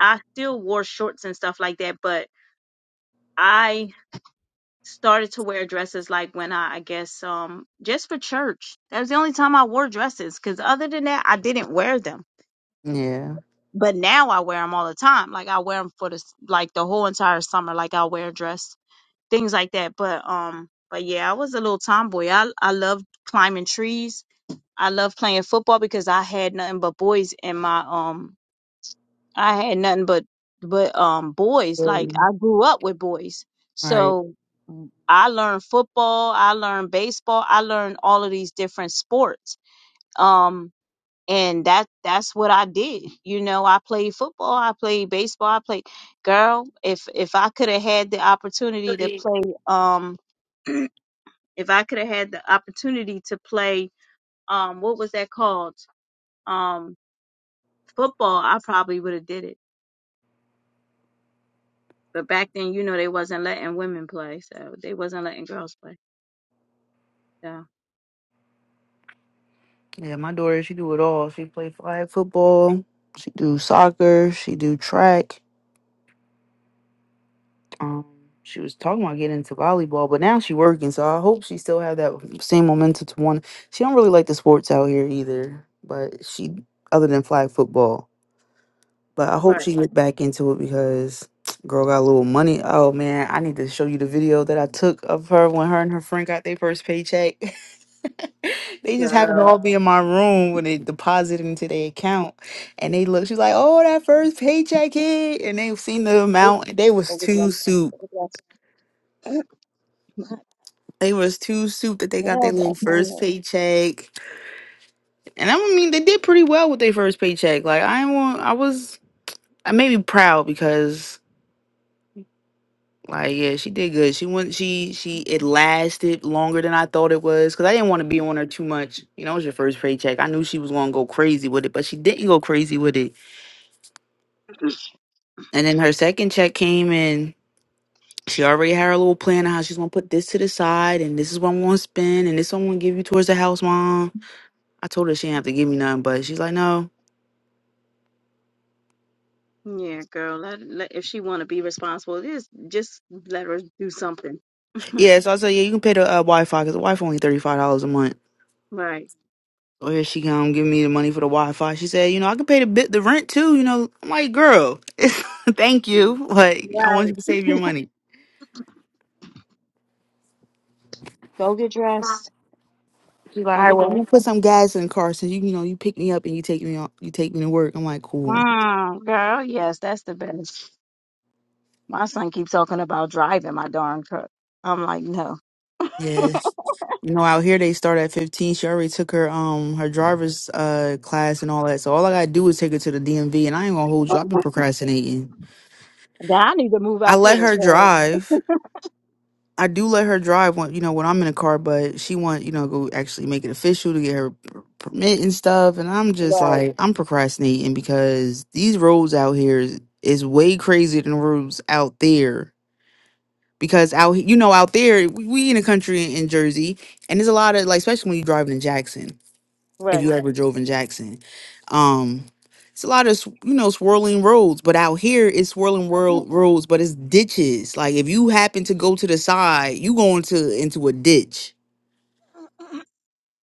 Speaker 1: I still wore shorts and stuff like that, but I started to wear dresses like when I I guess um just for church. That was the only time I wore dresses, cause other than that I didn't wear them.
Speaker 2: Yeah.
Speaker 1: But now I wear them all the time. Like I wear them for the s- like the whole entire summer. Like I wear a dress things like that. But um, but yeah, I was a little tomboy. I I loved climbing trees. I loved playing football because I had nothing but boys in my um. I had nothing but but um boys.
Speaker 2: Right.
Speaker 1: Like I grew up with boys,
Speaker 2: Right.
Speaker 1: so I learned football. I learned baseball. I learned all of these different sports. Um. And that that's what I did. You know, I played football, I played baseball, I played girl, if if I could have had the opportunity to play um If I could have had the opportunity to play, um, what was that called? Um, football, I probably would have did it. But back then, you know, they wasn't letting women play, so they wasn't letting girls play. So
Speaker 2: Yeah, my daughter, she do it all. She play flag football. She do soccer. She do track. Um, she was talking about getting into volleyball, but now she working, so I hope she still have that same momentum to want. She don't really like the sports out here either, but she other than flag football. But I hope
Speaker 1: Right,
Speaker 2: she get back into it because girl got a little money. Oh man, I need to show you the video that I took of her when her and her friend got their first paycheck. they just happened to
Speaker 1: girl.
Speaker 2: all be in my room when they deposited into their account, and they looked. She's like, "Oh, that first paycheck hit," and they seen the
Speaker 1: Oop,
Speaker 2: amount. And They was too
Speaker 1: Overdraft.
Speaker 2: soup.
Speaker 1: Overdraft. Oop,
Speaker 2: They was too soup that they got their
Speaker 1: Nails
Speaker 2: little
Speaker 1: are
Speaker 2: first
Speaker 1: painted.
Speaker 2: paycheck, and I mean they did pretty well with their first paycheck. Like I ain't want, I was, I may be proud because like yeah, she did good. She went, she she it lasted longer than I thought it was because I didn't want to be on her too much. You know, it was your first paycheck. I knew she was gonna go crazy with it, but she didn't go crazy with it. And then her second check came in. She already had her little plan of how she's gonna put this to the side, and this is what I'm gonna spend, and this I'm gonna give you towards the house, mom. I told her she didn't have to give me nothing, but she's like, no.
Speaker 1: yeah, girl, let, let if she want to be responsible, just just let her do something.
Speaker 2: Yeah, so I said, yeah, you can pay the uh, Wi-Fi because the Wi-Fi only thirty five dollars a month.
Speaker 1: right.
Speaker 2: So here she come giving me the money for the Wi-Fi. She said, you know, I can pay the bit the rent too. You know, I'm like, girl, thank you. Like, I want you
Speaker 1: Right.
Speaker 2: to save your money.
Speaker 1: Go get dressed.
Speaker 2: She's like, all
Speaker 1: Go
Speaker 2: right,
Speaker 1: get
Speaker 2: well, I'm gonna
Speaker 1: dressed.
Speaker 2: put some gas in the car since you, you know, you pick me up and you take me on, you take me to work. I'm like, cool.
Speaker 1: Mm, girl, yes, that's the best. My son keeps talking about driving my darn truck. I'm like, no.
Speaker 2: Yes. You know, out here they start at fifteen. She already took her um her driver's uh class and all that. So all I gotta do is take her to the DMV, and I ain't gonna hold you. I've been procrastinating.
Speaker 1: Now I need to move
Speaker 2: I
Speaker 1: out
Speaker 2: let
Speaker 1: there.
Speaker 2: her
Speaker 1: So,
Speaker 2: drive. I do let her drive when you know when I'm in a car, but she want you know go actually make it official to get her per- permit and stuff. And I'm just
Speaker 1: right,
Speaker 2: like I'm procrastinating because these roads out here is, is way crazier than the roads out there. Because out he- you know out there we, we in a country in, in Jersey, and there's a lot of like especially when you're driving in Jackson if you
Speaker 1: right.
Speaker 2: ever drove in Jackson. Um, it's a lot of s- you know swirling roads, but out here it's swirling world roads, but it's ditches. Like if you happen to go to the side, you go into into a ditch,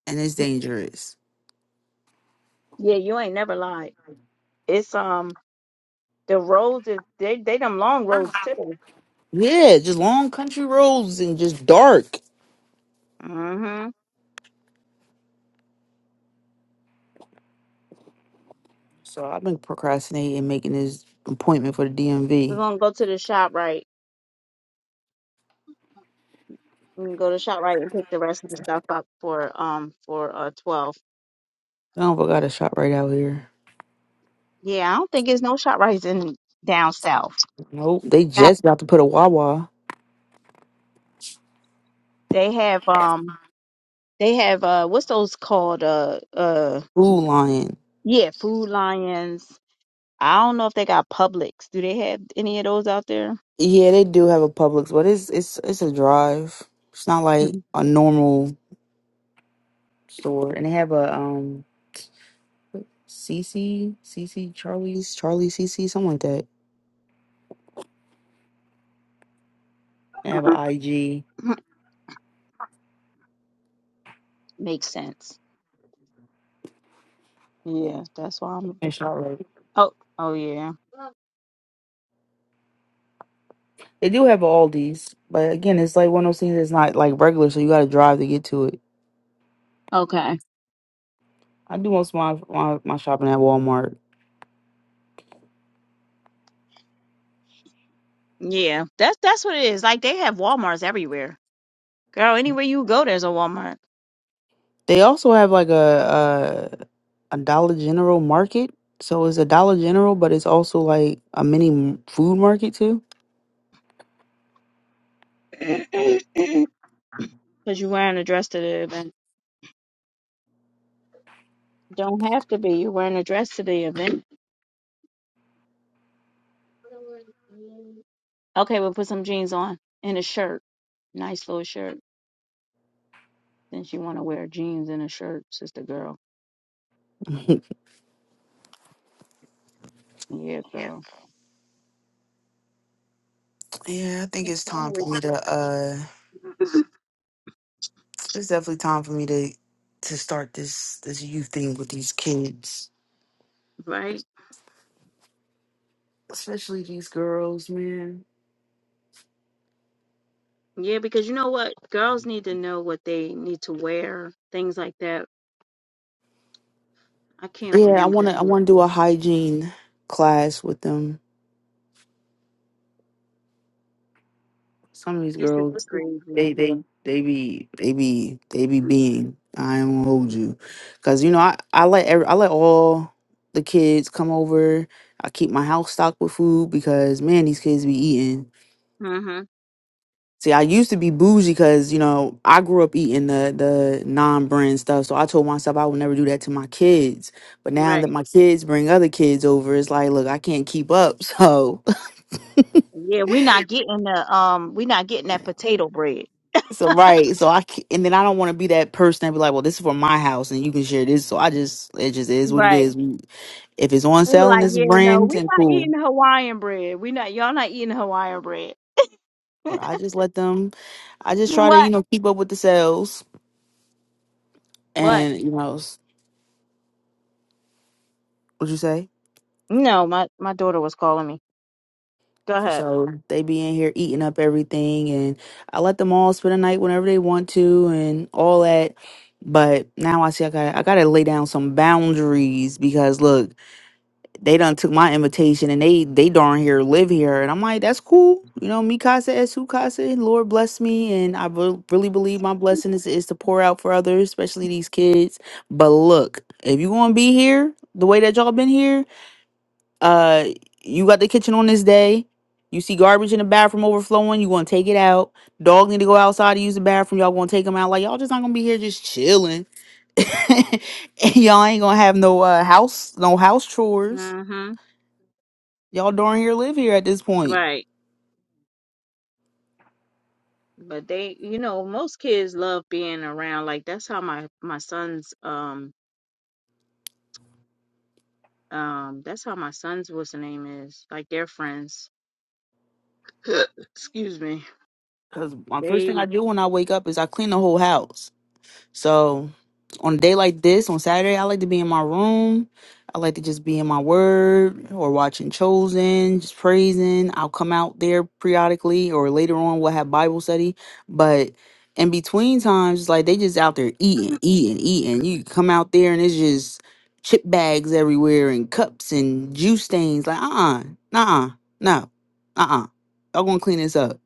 Speaker 2: and it's dangerous.
Speaker 1: yeah, you ain't never lied. It's um the roads is they they them long roads too.
Speaker 2: Yeah, just long country roads and just dark.
Speaker 1: Mhm.
Speaker 2: So I've been procrastinating making this appointment for the
Speaker 1: We're
Speaker 2: DMV.
Speaker 1: gonna go to the shop right. We can go to shop right and pick the rest of the stuff up for um for uh twelve.
Speaker 2: I don't got a shop right out here.
Speaker 1: Yeah, I don't think there's no shop rights in down south.
Speaker 2: Nope, they
Speaker 1: Yeah.
Speaker 2: just about to put a Wawa.
Speaker 1: They have um they have uh what's those called uh uh
Speaker 2: Food Lion.
Speaker 1: yeah food lions I don't know if they got Publix. Do they have any of those out there?
Speaker 2: Yeah, they do have a Publix, but it's it's it's a drive. It's not like
Speaker 1: Mhm.
Speaker 2: a normal store, and they have a um CC CC Charlie's Charlie CC something like that. They have
Speaker 1: Mhm.
Speaker 2: a IG
Speaker 1: Makes sense. Yeah, that's why I'm.
Speaker 2: and Charlotte.
Speaker 1: Oh, oh yeah.
Speaker 2: They do have a Aldi's, but again, it's like one of those things that's not like regular, so you got to drive to get to it.
Speaker 1: Okay.
Speaker 2: I do most of my, my my shopping at Walmart.
Speaker 1: Yeah, that's that's what it is. Like they have WalMarts everywhere, girl. Anywhere you go, there's a Walmart.
Speaker 2: They also have like a a, a Dollar General market. So it's a Dollar General, but it's also like a mini food market too.
Speaker 1: Cause you're wearing a dress to the event. Don't have to be. You're wearing a dress to the event. Okay, we'll put some jeans on and a shirt. Nice little shirt. Then she want to wear jeans and a shirt, sister girl. Yeah, girl.
Speaker 2: Yeah, I think it's time for me to uh it's definitely time for me to to start this this youth thing with these kids.
Speaker 1: Right?
Speaker 2: Especially these girls, man.
Speaker 1: Yeah, because you know what? Girls need to know what they need to wear, things like that. I can't
Speaker 2: Yeah, I
Speaker 1: believe
Speaker 2: wanna
Speaker 1: that
Speaker 2: I
Speaker 1: this
Speaker 2: wanna do a hygiene class with them. Some of these
Speaker 1: this is
Speaker 2: girls
Speaker 1: crazy.
Speaker 2: they they they be they be they be being. I ain't gonna hold you. Cause you know, I, I let every I let all the kids come over. I keep my house stocked with food because man, these kids be eating.
Speaker 1: Mm-hmm.
Speaker 2: See, I used to be bougie because you know I grew up eating the the non brand stuff, so I told myself I would never do that to my kids. But now that
Speaker 1: Right.
Speaker 2: my kids bring other kids over, it's like, look, I can't keep up. So,
Speaker 1: Yeah, we are not getting the um, we are not getting that potato bread.
Speaker 2: so right, so I ca- and then I don't want to be that person that be like, well, this is for my house and you can share this. So I just it just is what it
Speaker 1: Right.
Speaker 2: is. We- If it's on
Speaker 1: They were
Speaker 2: sale and
Speaker 1: like,
Speaker 2: it's
Speaker 1: yeah, no,
Speaker 2: brand
Speaker 1: we
Speaker 2: and
Speaker 1: are not
Speaker 2: cool,
Speaker 1: eating Hawaiian bread. We not y'all not eating Hawaiian bread.
Speaker 2: but I just let them. I just try to you
Speaker 1: what?
Speaker 2: know keep up with the sales
Speaker 1: What?
Speaker 2: and you know s- what you say.
Speaker 1: No, my my daughter was calling me. Go ahead.
Speaker 2: So they be in here eating up everything, and I let them all spend a night whenever they want to, and all that. But now I see I got I gotta lay down some boundaries because look, they done took my invitation and they they darn here live here, and I'm like that's cool, you know. Mi casa es su casa. Lord bless me, and I re- really believe my blessing is is to pour out for others, especially these kids. But look, if you gonna be here the way that y'all been here, uh you got the kitchen on this day you see garbage in the bathroom overflowing you gonna take it out dog need to go outside to use the bathroom y'all gonna take them out like y'all just not gonna be here just chilling and y'all ain't gonna have no uh house no house chores
Speaker 1: Mm-hmm.
Speaker 2: y'all darn here live here at this point
Speaker 1: Right. But they, you know, most kids love being around. Like that's how my my son's um um that's how my son's what's the name is. Like their friends. Excuse me.
Speaker 2: because my first
Speaker 1: They.
Speaker 2: thing i do when i wake up is i clean the whole house So on a day like this, on Saturday, I like to be in my room. I like to just be in my word or watching Chosen, just praising. I'll come out there periodically or later on we'll have Bible study. But in between times, it's like they just out there eating, eating, eating. You come out there and it's just chip bags everywhere and cups and juice stains. Like, uh uh-uh, uh, no, uh uh. Y'all gonna clean this up.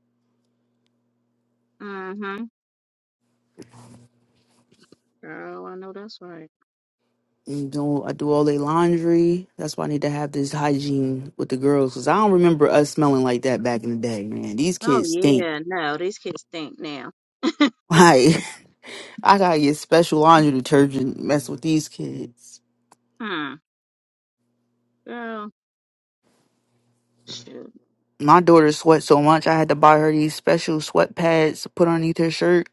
Speaker 1: Mm-hmm. Girl, I know that's right.
Speaker 2: and do I do all their laundry. That's why I need to have this hygiene with the girls because I don't remember us smelling like that back in the day, man. These
Speaker 1: Oh
Speaker 2: kids stink.
Speaker 1: yeah, no, these kids think now.
Speaker 2: Like I gotta get special laundry detergent. Mess with these kids.
Speaker 1: Hmm. Girl, shoot.
Speaker 2: My daughter sweats so much I had to buy her these special sweat pads to put underneath her shirt.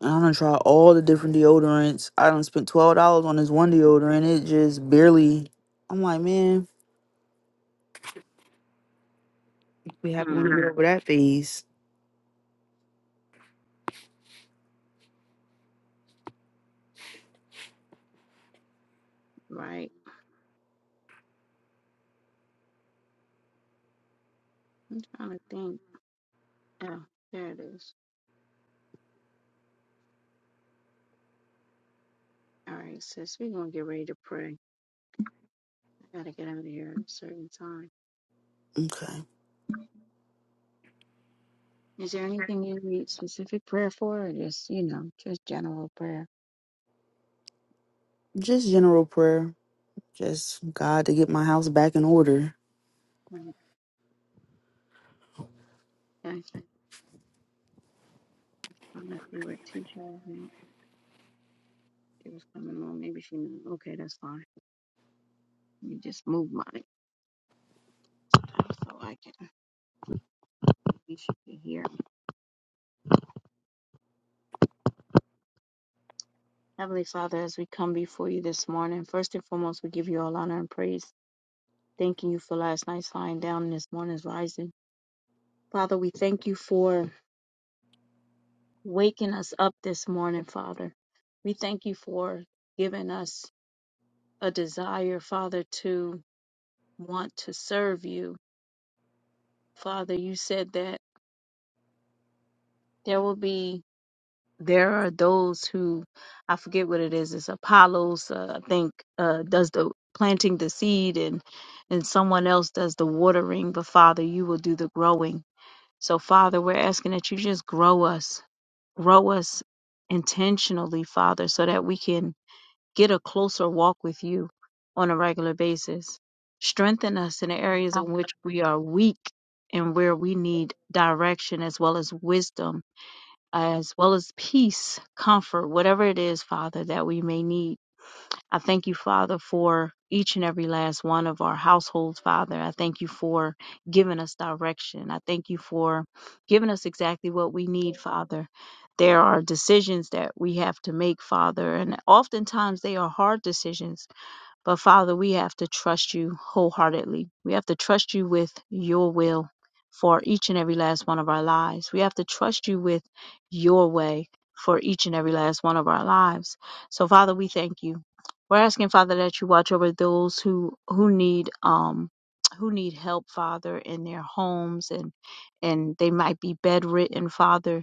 Speaker 2: And I done tried all the different deodorants. I done spent twelve dollars on this one deodorant. It just barely. I'm like, man, be happy when you
Speaker 1: Hmm.
Speaker 2: get over that phase.
Speaker 1: Right. trying to think. Oh, there it is. All right, sis. We're gonna get ready to pray. I gotta get out of here at a certain time.
Speaker 2: Okay,
Speaker 1: Is there anything you need specific prayer for, or just you know, just general prayer?
Speaker 2: just general prayer. Just God to get my house back in order.
Speaker 1: Right. Okay. I don't know if you were too sure when she was coming on. Maybe she knew. Okay, that's fine. You just move mine so I can. You should be here. Heavenly Father, as we come before you this morning, first and foremost, we give you all honor and praise, thanking you for last night's lying down and this morning's rising. Father, we thank you for waking us up this morning, Father. We thank you for giving us a desire, Father, to want to serve you. Father, you said that there will be there are those who I forget what it is. It's Apollos, uh, I think, uh, does the planting the seed and and someone else does the watering, but Father, you will do the growing. So Father, we're asking that you just grow us, grow us intentionally, Father, so that we can get a closer walk with you on a regular basis. Strengthen us in the areas in which we are weak and where we need direction as well as wisdom, as well as peace, comfort, whatever it is, Father, that we may need. I thank you, Father, for each and every last one of our households, Father. I thank you for giving us direction. I thank you for giving us exactly what we need, Father. There are decisions that we have to make, Father, and oftentimes they are hard decisions but Father, we have to trust you wholeheartedly. We have to trust you with your will for each and every last one of our lives. We have to trust you with your way for each and every last one of our lives. So Father, we thank you. We're asking Father that you watch over those who who need um who need help, Father, in their homes and and they might be bedridden, Father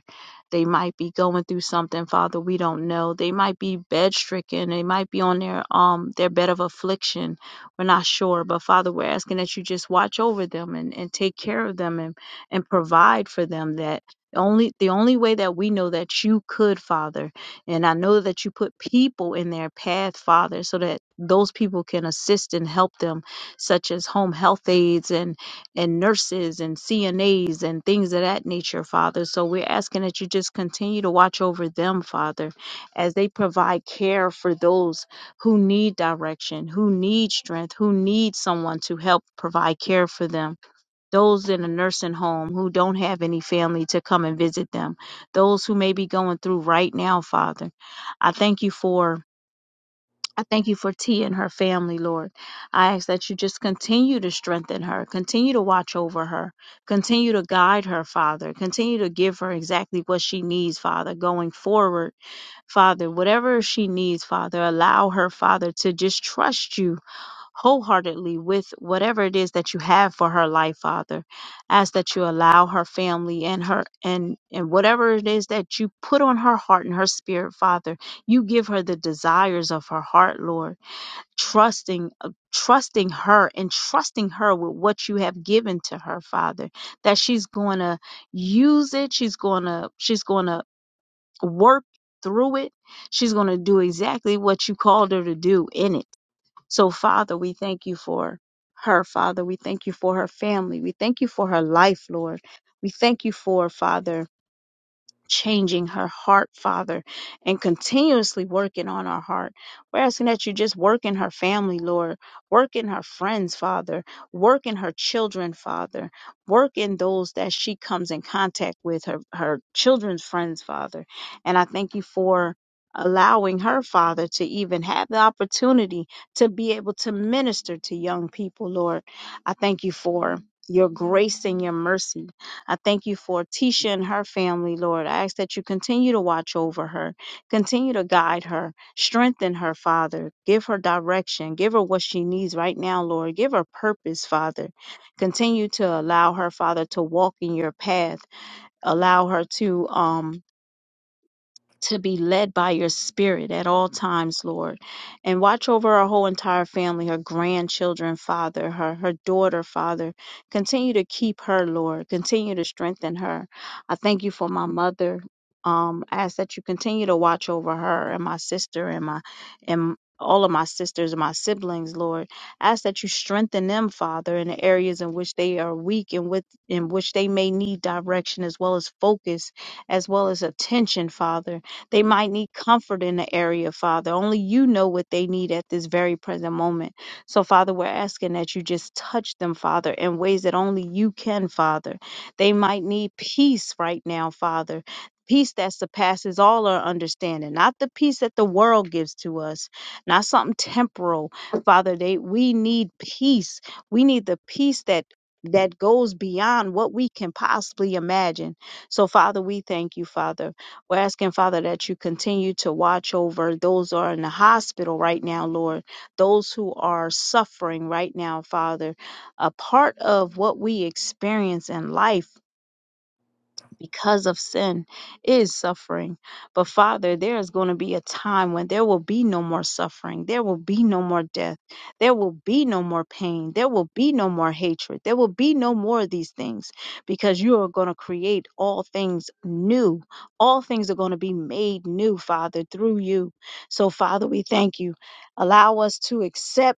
Speaker 1: they might be going through something, Father, we don't know. They might be bedstricken. They might be on their um their bed of affliction. We're not sure. But Father, we're asking that you just watch over them and, and take care of them and, and provide for them that only the only way that we know that you could, Father, and I know that you put people in their path, Father, so that those people can assist and help them, such as home health aides and and nurses and CNAs and things of that nature, Father. So we're asking that you just continue to watch over them, Father, as they provide care for those who need direction, who need strength, who need someone to help provide care for them. Those in a nursing home who don't have any family to come and visit them, those who may be going through right now, Father. I thank you for I thank you for T and her family, Lord. I ask that you just continue to strengthen her, continue to watch over her, continue to guide her, Father, continue to give her exactly what she needs, Father, going forward, Father, whatever she needs, Father, allow her, Father, to just trust you wholeheartedly with whatever it is that you have for her life, Father. Ask that you allow her family and her and and whatever it is that you put on her heart and her spirit, Father, you give her the desires of her heart, Lord trusting uh, trusting her and trusting her with what you have given to her father that she's going to use it she's going to she's going to work through it she's going to do exactly what you called her to do in it so father we thank you for her father we thank you for her family we thank you for her life lord we thank you for father changing her heart, Father, and continuously working on her heart. We're asking that you just work in her family, Lord. Work in her friends, Father. Work in her children, Father. Work in those that she comes in contact with, her, her children's friends, Father. And I thank you for allowing her, Father, to even have the opportunity to be able to minister to young people, Lord. I thank you for your grace and your mercy I thank you for Tisha and her family, Lord. I ask that you continue to watch over her, continue to guide her, strengthen her, Father. Give her direction, give her what she needs right now, Lord. Give her purpose, Father. Continue to allow her, Father, to walk in your path. Allow her to um to be led by your spirit at all times, Lord. And watch over our whole entire family, her grandchildren, Father, her, her daughter, Father. Continue to keep her, Lord. Continue to strengthen her. I thank you for my mother. Um, I ask that you continue to watch over her and my sister and my and all of my sisters and my siblings, Lord. I ask that you strengthen them, Father, in the areas in which they are weak and with in which they may need direction as well as focus, as well as attention, Father. They might need comfort in the area, Father. Only you know what they need at this very present moment. So, Father, we're asking that you just touch them, Father, in ways that only you can, Father. They might need peace right now, Father. Peace that surpasses all our understanding, not the peace that the world gives to us, not something temporal, Father. They we need peace. We need the peace that that goes beyond what we can possibly imagine. So, Father, we thank you, Father. We're asking, Father, that you continue to watch over those who are in the hospital right now, Lord, those who are suffering right now, Father. A part of what we experience in life because of sin is suffering. But Father, there is going to be a time when there will be no more suffering. There will be no more death. There will be no more pain. There will be no more hatred. There will be no more of these things because you are going to create all things new. All things are going to be made new, Father, through you. So, Father, we thank you. Allow us to accept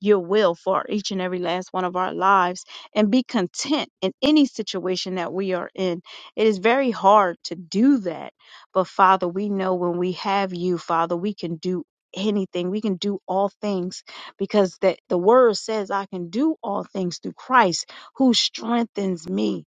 Speaker 1: your will for each and every last one of our lives and be content in any situation that we are in. It is very hard to do that. But Father, we know when we have you, Father, we can do anything. We can do all things because that the word says I can do all things through Christ who strengthens me.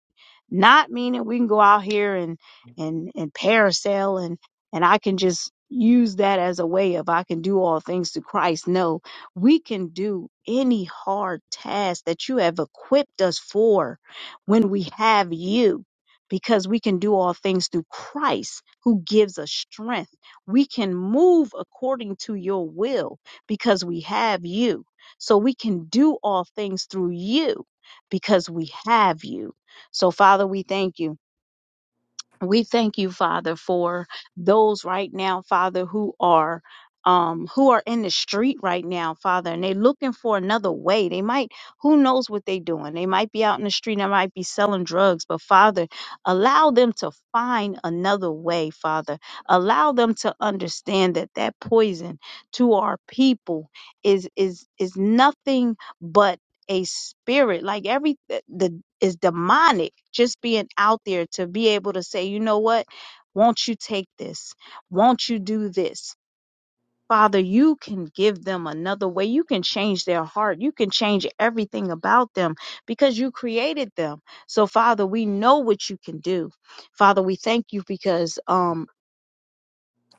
Speaker 1: Not meaning we can go out here and and and parasail and and I can just use that as a way of I can do all things through Christ. No, we can do any hard task that you have equipped us for when we have you, because we can do all things through Christ who gives us strength. We can move according to your will because we have you. So we can do all things through you because we have you. So, Father, we thank you. We thank you, Father, for those right now, Father, who are um who are in the street right now, Father, and they're looking for another way. They might, who knows what they're doing. They might be out in the street, they might be selling drugs, but Father, allow them to find another way, Father. Allow them to understand that that poison to our people is is is nothing but a spirit like every eh, the is demonic just being out there to be able to say you know what won't you take this won't you do this father you can give them another way you can change their heart you can change everything about them because you created them so father we know what you can do father we thank you because um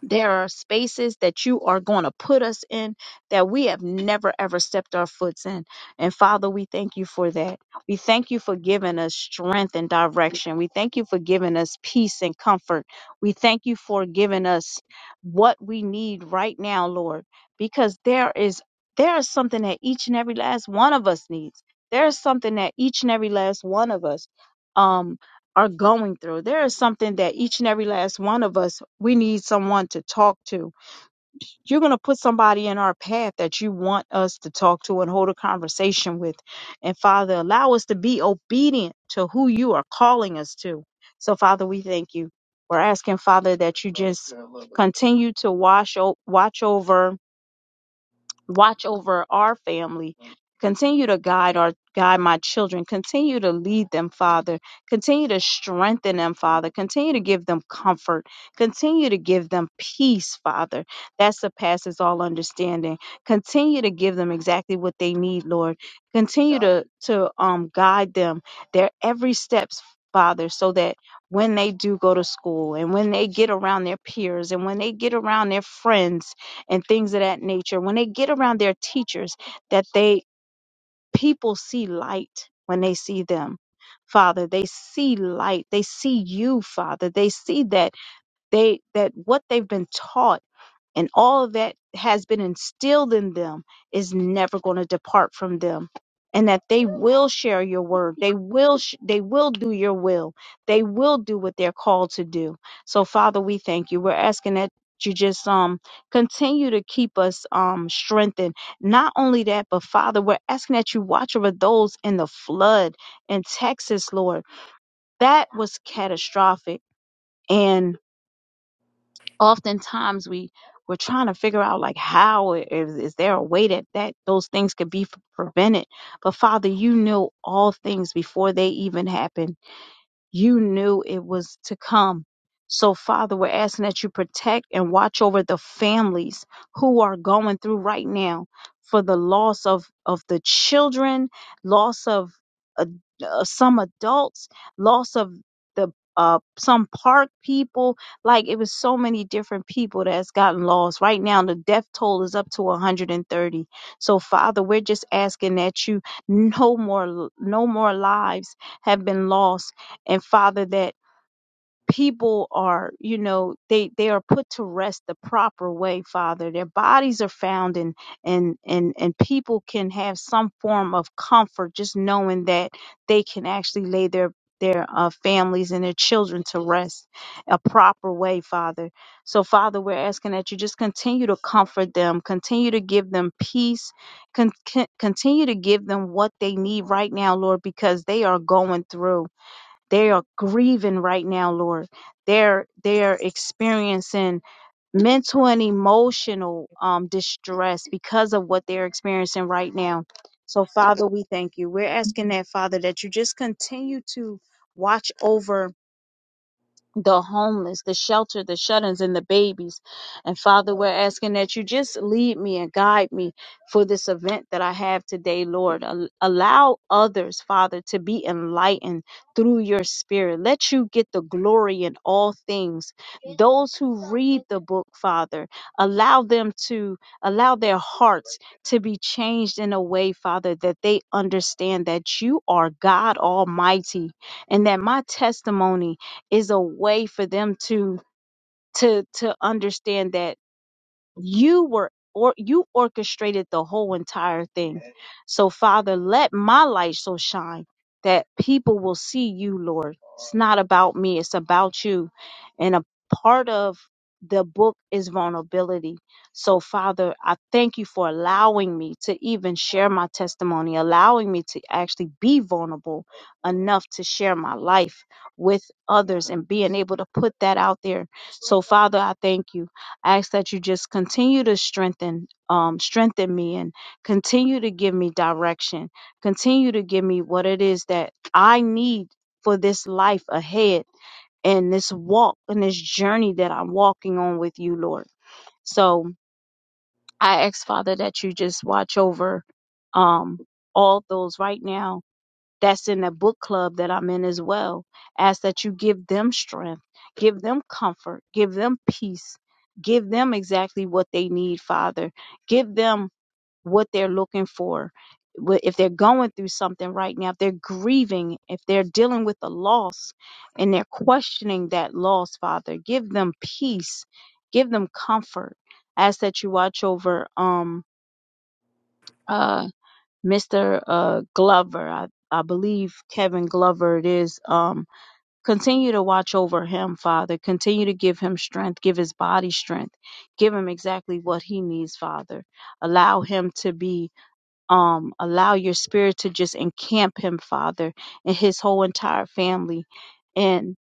Speaker 1: there are spaces that you are going to put us in that we have never ever stepped our foots in. And Father, we thank you for that. We thank you for giving us strength and direction. We thank you for giving us peace and comfort. We thank you for giving us what we need right now, Lord, because there is there is something that each and every last one of us needs. There is something that each and every last one of us um are going through. There is something that each and every last one of us, we need someone to talk to. You're going to put somebody in our path that you want us to talk to and hold a conversation with. And Father, allow us to be obedient to who you are calling us to. So, Father, we thank you. We're asking, Father, that you just continue to wash o- watch over watch over our family. Continue to guide our guide my children. Continue to lead them, Father. Continue to strengthen them, Father. Continue to give them comfort. Continue to give them peace, Father. That surpasses all understanding. Continue to give them exactly what they need, Lord. Continue to to um guide them their every steps, Father, so that when they do go to school and when they get around their peers and when they get around their friends and things of that nature when they get around their teachers that they people see light when they see them father they see light they see you father they see that they that what they've been taught and all that has been instilled in them is never going to depart from them and that they will share your word they will sh- they will do your will they will do what they're called to do so father we thank you we're asking that you just um continue to keep us um strengthened not only that but father we're asking that you watch over those in the flood in texas lord that was catastrophic and oftentimes we we're trying to figure out like how i- is, is there a way that that those things could be f- prevented but father you know all things before they even happen you knew it was to come. So, Father, we're asking that you protect and watch over the families who are going through right now for the loss of, of the children, loss of uh, uh, some adults, loss of the uh, some park people. Like it was so many different people that's gotten lost. Right now, the death toll is up to 130. So, Father, we're just asking that you no more no more lives have been lost and father that people are you know they they are put to rest the proper way father their bodies are found and and and and people can have some form of comfort just knowing that they can actually lay their their uh, families and their children to rest a proper way father so father we're asking that you just continue to comfort them continue to give them peace con- con- continue to give them what they need right now lord because they are going through they are grieving right now, Lord. They're they're experiencing mental and emotional um, distress because of what they're experiencing right now. So, Father, we thank you. We're asking that, Father, that you just continue to watch over the homeless, the shelter, the shut ins, and the babies. And Father, we're asking that you just lead me and guide me for this event that I have today, Lord. Al- Allow others, Father, to be enlightened through your spirit. Let you get the glory in all things. Those who read the book, Father, allow them to allow their hearts to be changed in a way, Father, that they understand that you are God Almighty and that my testimony is a way for them to to to understand that you were or you orchestrated the whole entire thing so father let my light so shine that people will see you lord it's not about me it's about you and a part of the book is vulnerability so father i thank you for allowing me to even share my testimony allowing me to actually be vulnerable enough to share my life with others and being able to put that out there so father i thank you I ask that you just continue to strengthen, um, strengthen me and continue to give me direction, continue to give me what it is that I need for this life ahead and this walk and this journey that I'm walking on with you, Lord. So I ask, Father, that you just watch over um all those right now that's in the book club that I'm in as well. Ask that you give them strength, give them comfort, give them peace, give them exactly what they need, Father. Give them what they're looking for. Wh- If they're going through something right now, if they're grieving, if they're dealing with a loss and they're questioning that loss, Father, give them peace, give them comfort. Ask that you watch over um uh Mr. Uh, Glover, I, I believe Kevin Glover it is, um, continue to watch over him, Father. Continue to give him strength, give his body strength, give him exactly what he needs, Father. Allow him to be, um, allow your spirit to just encamp him, Father, and his whole entire family, and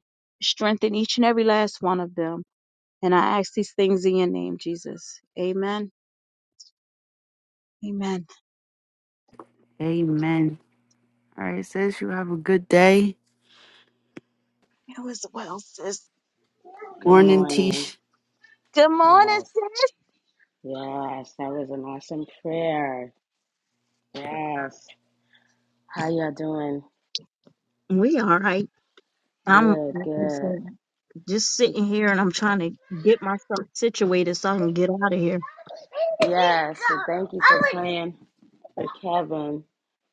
Speaker 1: strengthen each and every last one of them. And I ask these things in your name, Jesus. Amen. Amen.
Speaker 2: Amen. All right, sis, you have a good day.
Speaker 1: It was well, sis.
Speaker 3: Good
Speaker 2: Morning,
Speaker 3: morning.
Speaker 2: Tish.
Speaker 1: Good morning,
Speaker 3: Yes.
Speaker 1: sis.
Speaker 3: Yes. That was an awesome prayer. Yes. How y'all doing?
Speaker 1: We all right. I'm
Speaker 3: Good,
Speaker 1: like I
Speaker 3: good.
Speaker 1: said, just sitting here and I'm trying to get myself situated so I can get out of here.
Speaker 3: Yes. and thank you for playing. for Kevin.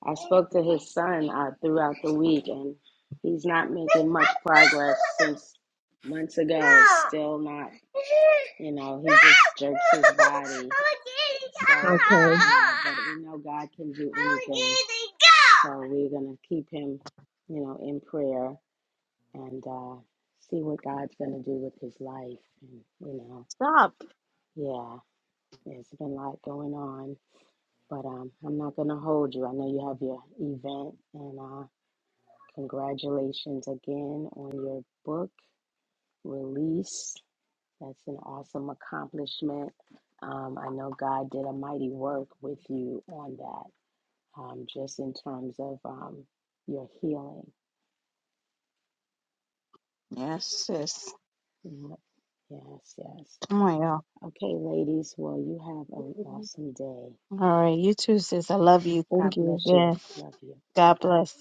Speaker 3: I spoke to his son uh, throughout the week, and he's not making much progress since months ago. Still not, you know, he just jerks his body. So, you
Speaker 1: Okay.
Speaker 3: know, but we know God can do anything. So we're going to keep him, you know, in prayer and uh, see what God's going to do with his life. And, you know,
Speaker 1: Stop.
Speaker 3: yeah, there's been a lot going on. But um, I'm not going to hold you. I know you have your event, and uh, congratulations again on your book release. That's an awesome accomplishment. Um, I know God did a mighty work with you on that, um, just in terms of um, your healing.
Speaker 1: Yes, sis.
Speaker 3: Mhm. Yes, yes.
Speaker 1: Come on, y'all.
Speaker 3: Okay, ladies, well, you have an awesome day.
Speaker 1: All right, you too, sis. I love you. Thank
Speaker 3: God
Speaker 1: you
Speaker 3: bless you.
Speaker 1: again.
Speaker 3: Love you. Bye
Speaker 1: God
Speaker 3: bye.
Speaker 1: bless.